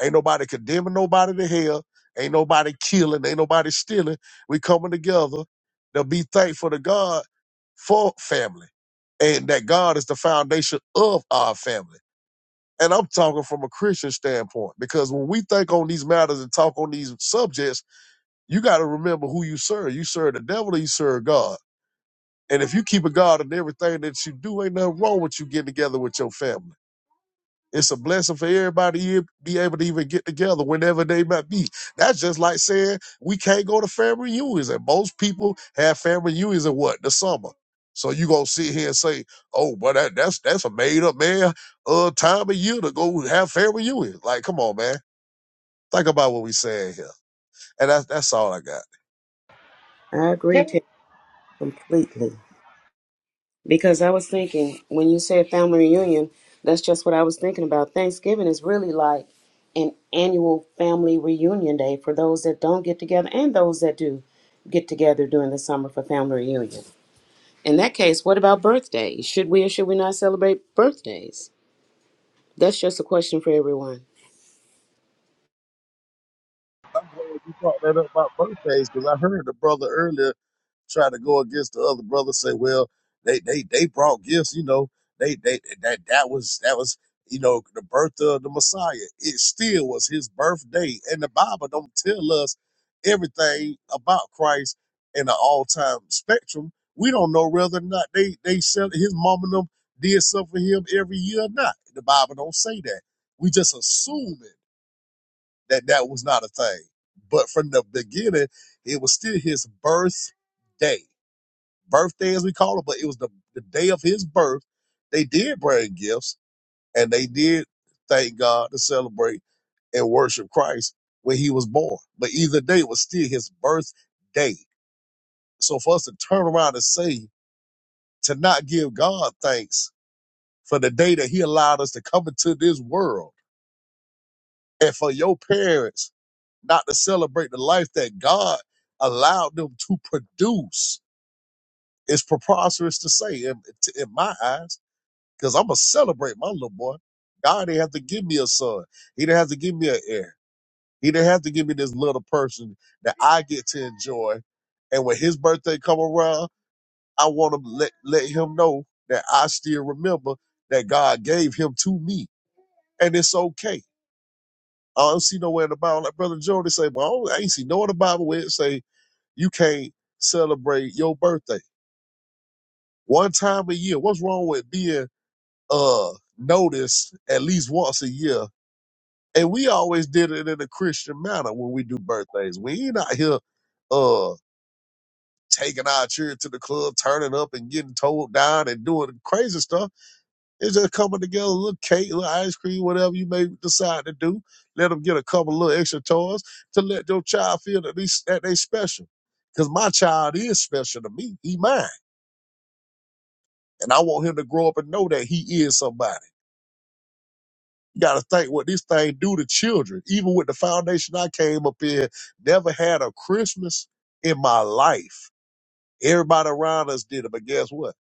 F: Ain't nobody condemning nobody to hell. Ain't nobody killing. Ain't nobody stealing. We coming together to be thankful to God for family, and that God is the foundation of our family and I'm talking from a Christian standpoint because when we think on these matters and talk on these subjects, you got to remember who you serve. You serve the devil or you serve God. And if you keep a God in everything that you do, ain't nothing wrong with you getting together with your family. It's a blessing for everybody to be able to even get together whenever they might be. That's just like saying we can't go to family reunions. And most people have family reunions in what? The summer. So you gonna sit here and say, oh, but that, that's that's a made up man uh time of year to go have family reunions. Like, come on, man. Think about what we saying here. And that's that's all I got.
D: I agree
H: There
D: to completely. Because I was thinking, when you said family reunion, that's just what I was thinking about. Thanksgiving is really like an annual family reunion day for those that don't get together and those that do get together during the summer for family reunion. In that case, what about birthdays? Should we or should we not celebrate birthdays? That's just a question for everyone.
F: I'm glad you brought that up about birthdays because I heard the brother earlier try to go against the other brother, say, well, they they they brought gifts, you know, they they that that was that was you know the birth of the Messiah. It still was his birthday, and the Bible don't tell us everything about Christ in an all time spectrum. We don't know whether or not they they said his mom and them did something for him every year or not. The Bible don't say that. We just assuming that that was not a thing. But from the beginning, it was still his birthday birthday as we call it, but it was the, the day of his birth. They did bring gifts and they did thank God to celebrate and worship Christ when he was born. But either day was still his birthday. So for us to turn around and say, to not give God thanks for the day that he allowed us to come into this world and for your parents not to celebrate the life that God allowed them to produce is preposterous to say in, in my eyes because I'm going to celebrate my little boy. God didn't have to give me a son. He didn't have to give me an heir. He didn't have to give me this little person that I get to enjoy. And when his birthday come around, I want to let, let him know that I still remember that God gave him to me. And it's okay. I don't see nowhere in the Bible, like Brother Jordan say, but I, don't- I ain't see nowhere in the Bible where it say you can't celebrate your birthday one time a year. What's wrong with being uh noticed at least once a year And we always did it in a Christian manner when we do birthdays. We ain't out here uh taking our children to the club, turning up and getting told down and doing crazy stuff. It's just coming together, a little cake, a little ice cream, whatever you may decide to do. Let them get a couple little extra toys to let your child feel that they, that they special. Because my child is special to me. He mine. And I want him to grow up and know that he is somebody. You got to think what this thing do to children. Even with the foundation I came up in, never had a Christmas in my life. Everybody around us did it, but guess what?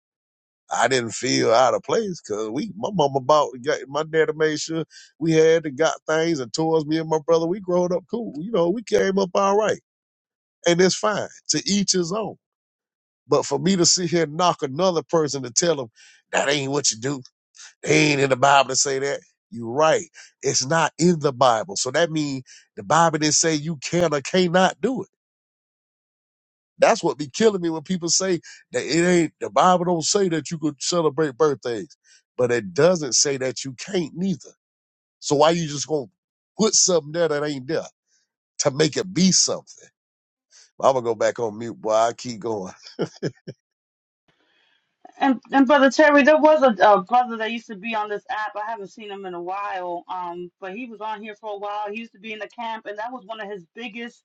F: I didn't feel out of place because we, my mama bought, got, my daddy made sure we had and got things and toys. Me and my brother, we growing up cool. You know, we came up all right, and it's fine. To each his own. But for me to sit here and knock another person to tell them that ain't what you do they ain't in the Bible to say that. You're right. It's not in the Bible. So that means the Bible didn't say you can or cannot do it. That's what be killing me when people say that it ain't the Bible don't say that you could celebrate birthdays, but it doesn't say that you can't neither. So why you just gonna put something there that ain't there to make it be something? I'm gonna go back on mute, boy. I keep going.
H: And and brother Terry, there was a, a brother that used to be on this app. I haven't seen him in a while. Um, but he was on here for a while. He used to be in the camp, and that was one of his biggest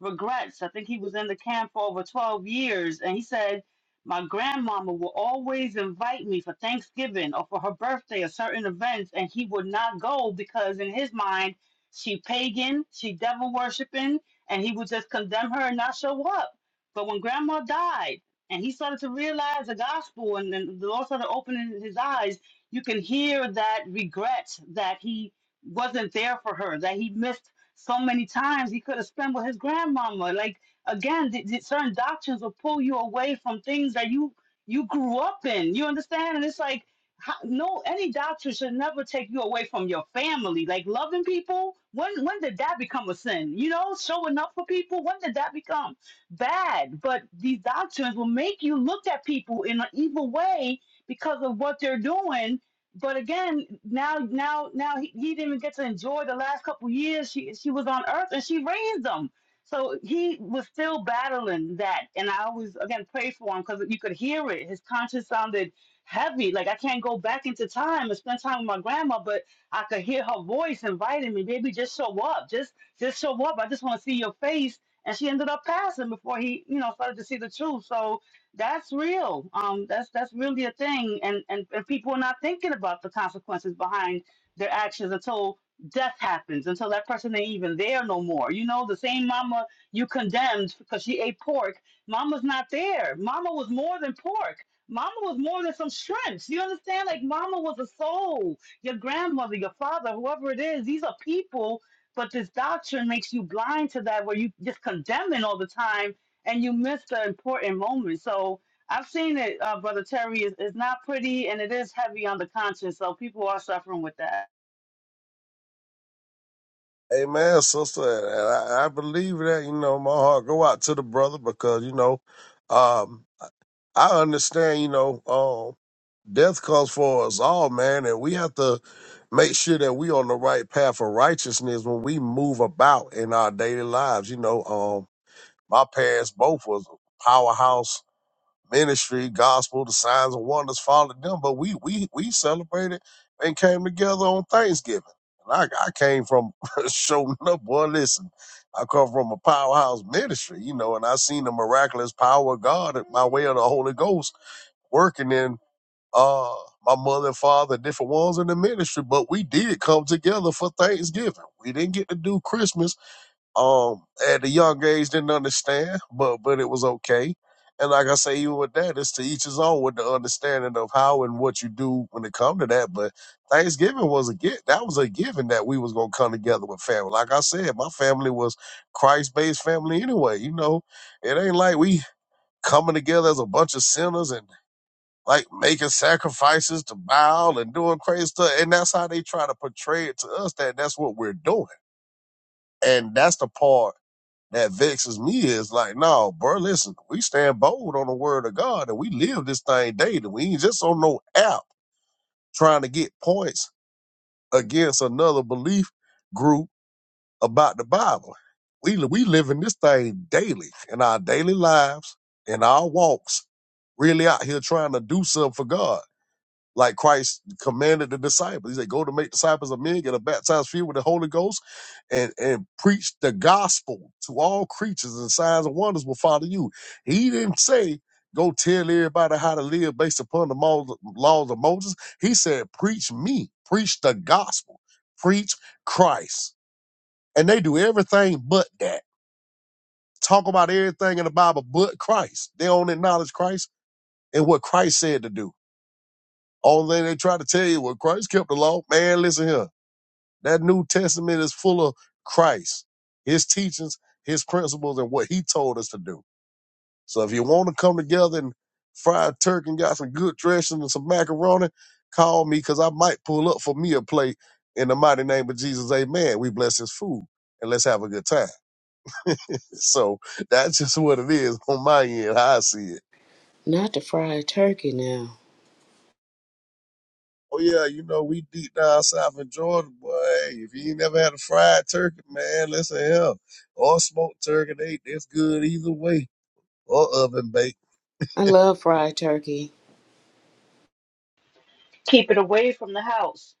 H: regrets. I think he was in the camp for over twelve years, and he said, "My grandmama will always invite me for Thanksgiving or for her birthday or certain events, and he would not go because in his mind, she pagan, she devil worshiping, and he would just condemn her and not show up." But when grandma died and he started to realize the gospel and then the lord started opening his eyes you can hear that regret that he wasn't there for her that he missed so many times he could have spent with his grandmama like again th- th- certain doctrines will pull you away from things that you you grew up in you understand and it's like how, no any doctrine should never take you away from your family like loving people when when did that become a sin you know showing up for people when did that become bad, but these doctrines will make you look at people in an evil way because of what they're doing. But again, now, now, now he, he didn't even get to enjoy the last couple of years. She she was on Earth and she raised them, so he was still battling that. And I always again pray for him because you could hear it. His conscience sounded heavy. Like I can't go back into time and spend time with my grandma, but I could hear her voice inviting me, baby, just show up. Just just show up. I just want to see your face and she ended up passing before he, you know, started to see the truth. So that's real. Um, that's that's really a thing, and and, and people are not thinking about the consequences behind their actions until death happens, until that person ain't even there no more. You know, the same mama you condemned because she ate pork, mama's not there. Mama was more than pork. Mama was more than some shrimps. You understand? Like mama was a soul. Your grandmother, your father, whoever it is, these are people but this doctrine makes you blind to that, where you just condemning all the time, and you miss the important moment. So I've seen it, uh, brother Terry. Is it's not pretty, and it is heavy on the conscience. So people are suffering with that.
F: Amen, sister. And I, I believe that, you know, my heart go out to the brother because, you know, um, I understand, you know, um, death comes for us all, man, and we have to make sure that we on the right path of righteousness when we move about in our daily lives. You know, um, my parents both was powerhouse ministry, gospel, the signs and wonders followed them. But we we we celebrated and came together on Thanksgiving. And I, I came from <laughs> showing up, boy. Listen, I come from a powerhouse ministry, you know, and I seen the miraculous power of God at my way of the Holy Ghost working in uh my mother and father, different ones in the ministry. But we did come together for Thanksgiving. We didn't get to do Christmas um at a young age didn't understand but but it was okay and like i say even with that it's to each his own with the understanding of how and what you do when it come to that but thanksgiving was a gift that was a given that we was gonna come together with family like i said my family was christ-based family anyway you know it ain't like we coming together as a bunch of sinners and like making sacrifices to Baal and doing crazy stuff and that's how they try to portray it to us that that's what we're doing and that's the part that vexes me is like, no, bro, listen, we stand bold on the word of God and we live this thing daily. We ain't just on no app trying to get points against another belief group about the Bible. We we living this thing daily in our daily lives, in our walks, really out here trying to do something for God like Christ commanded the disciples. He said, Go to make disciples of men, get a baptized few with the Holy Ghost, and, and preach the gospel to all creatures, and signs and wonders will follow you. He didn't say, Go tell everybody how to live based upon the mo- laws of Moses. He said, Preach me, preach the gospel, preach Christ. And they do everything but that. Talk about everything in the Bible but Christ. They don't acknowledge Christ and what Christ said to do. Only thing they try to tell you, well, Christ kept the law. Man, listen here. That New Testament is full of Christ, his teachings, his principles, and what he told us to do. So if you want to come together and fry a turkey and got some good dressing and some macaroni, call me because I might pull up for me a plate in the mighty name of Jesus. Amen. We bless his food and let's have a good time. <laughs> So that's just what it is on my end, how I see it.
D: Not the fried turkey now.
F: Oh yeah, you know we deep down south in Georgia, boy. If you ain't never had a fried turkey, man, listen here. Or smoked turkey, they that's good either way. Or oven baked.
D: I love fried turkey.
H: Keep it away from the house.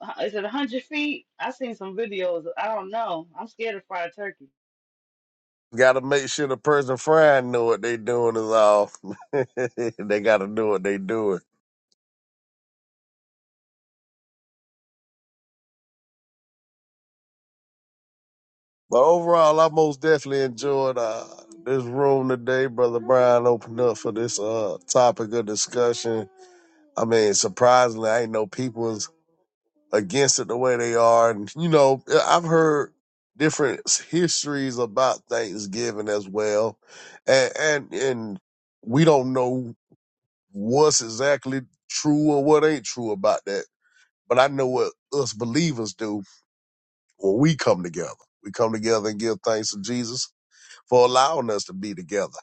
H: Uh, Is it a hundred feet? I've seen some videos. I don't know. I'm scared of fried turkey.
F: Gotta make sure the person frying know what they doing is all. <laughs> they gotta know what they doing. But overall, I most definitely enjoyed uh, this room today. Brother Brian opened up for this uh topic of discussion. I mean, surprisingly, I ain't know people. against it the way they are. And, you know, I've heard different histories about Thanksgiving as well. And, and, and we don't know what's exactly true or what ain't true about that. But I know what us believers do when we come together. We come together and give thanks to Jesus for allowing us to be together.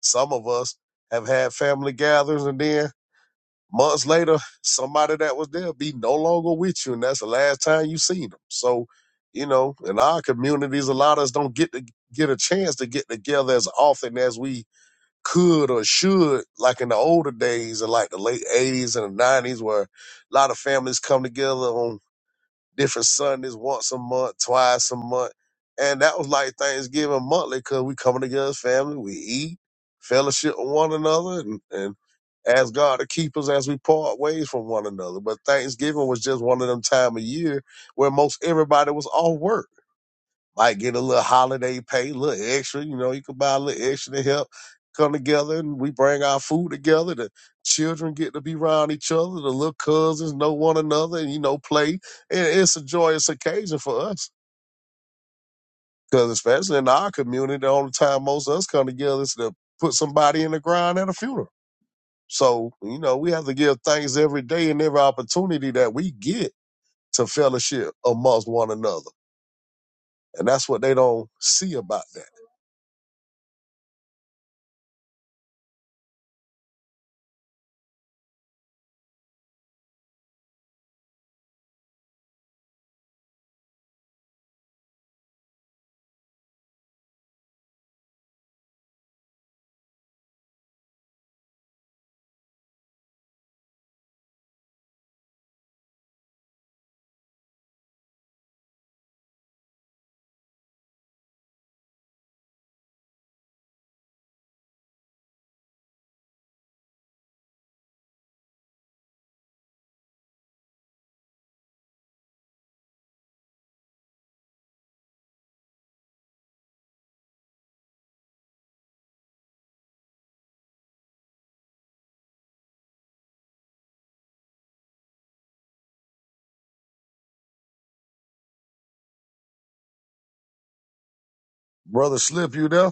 F: Some of us have had family gatherings and then Months later, somebody that was there be no longer with you, and that's the last time you seen them. So, you know, in our communities, a lot of us don't get to get a chance to get together as often as we could or should, like in the older days and like the late '80s and the '90s, where a lot of families come together on different Sundays, once a month, twice a month. And that was like Thanksgiving monthly because we coming together as family, we eat, fellowship with one another, and, and ask God to keep us as we part ways from one another. But Thanksgiving was just one of them time of year where most everybody was off work might get a little holiday pay, a little extra. You know, you could buy a little extra to help come together and we bring our food together. The children get to be around each other. The little cousins know one another and, you know, play. And it's a joyous occasion for us because, especially in our community, the only time most of us come together is to put somebody in the ground at a funeral. So, you know, we have to give thanks every day and every opportunity that we get to fellowship amongst one another. And that's what they don't see about that. Brother Slip, you there?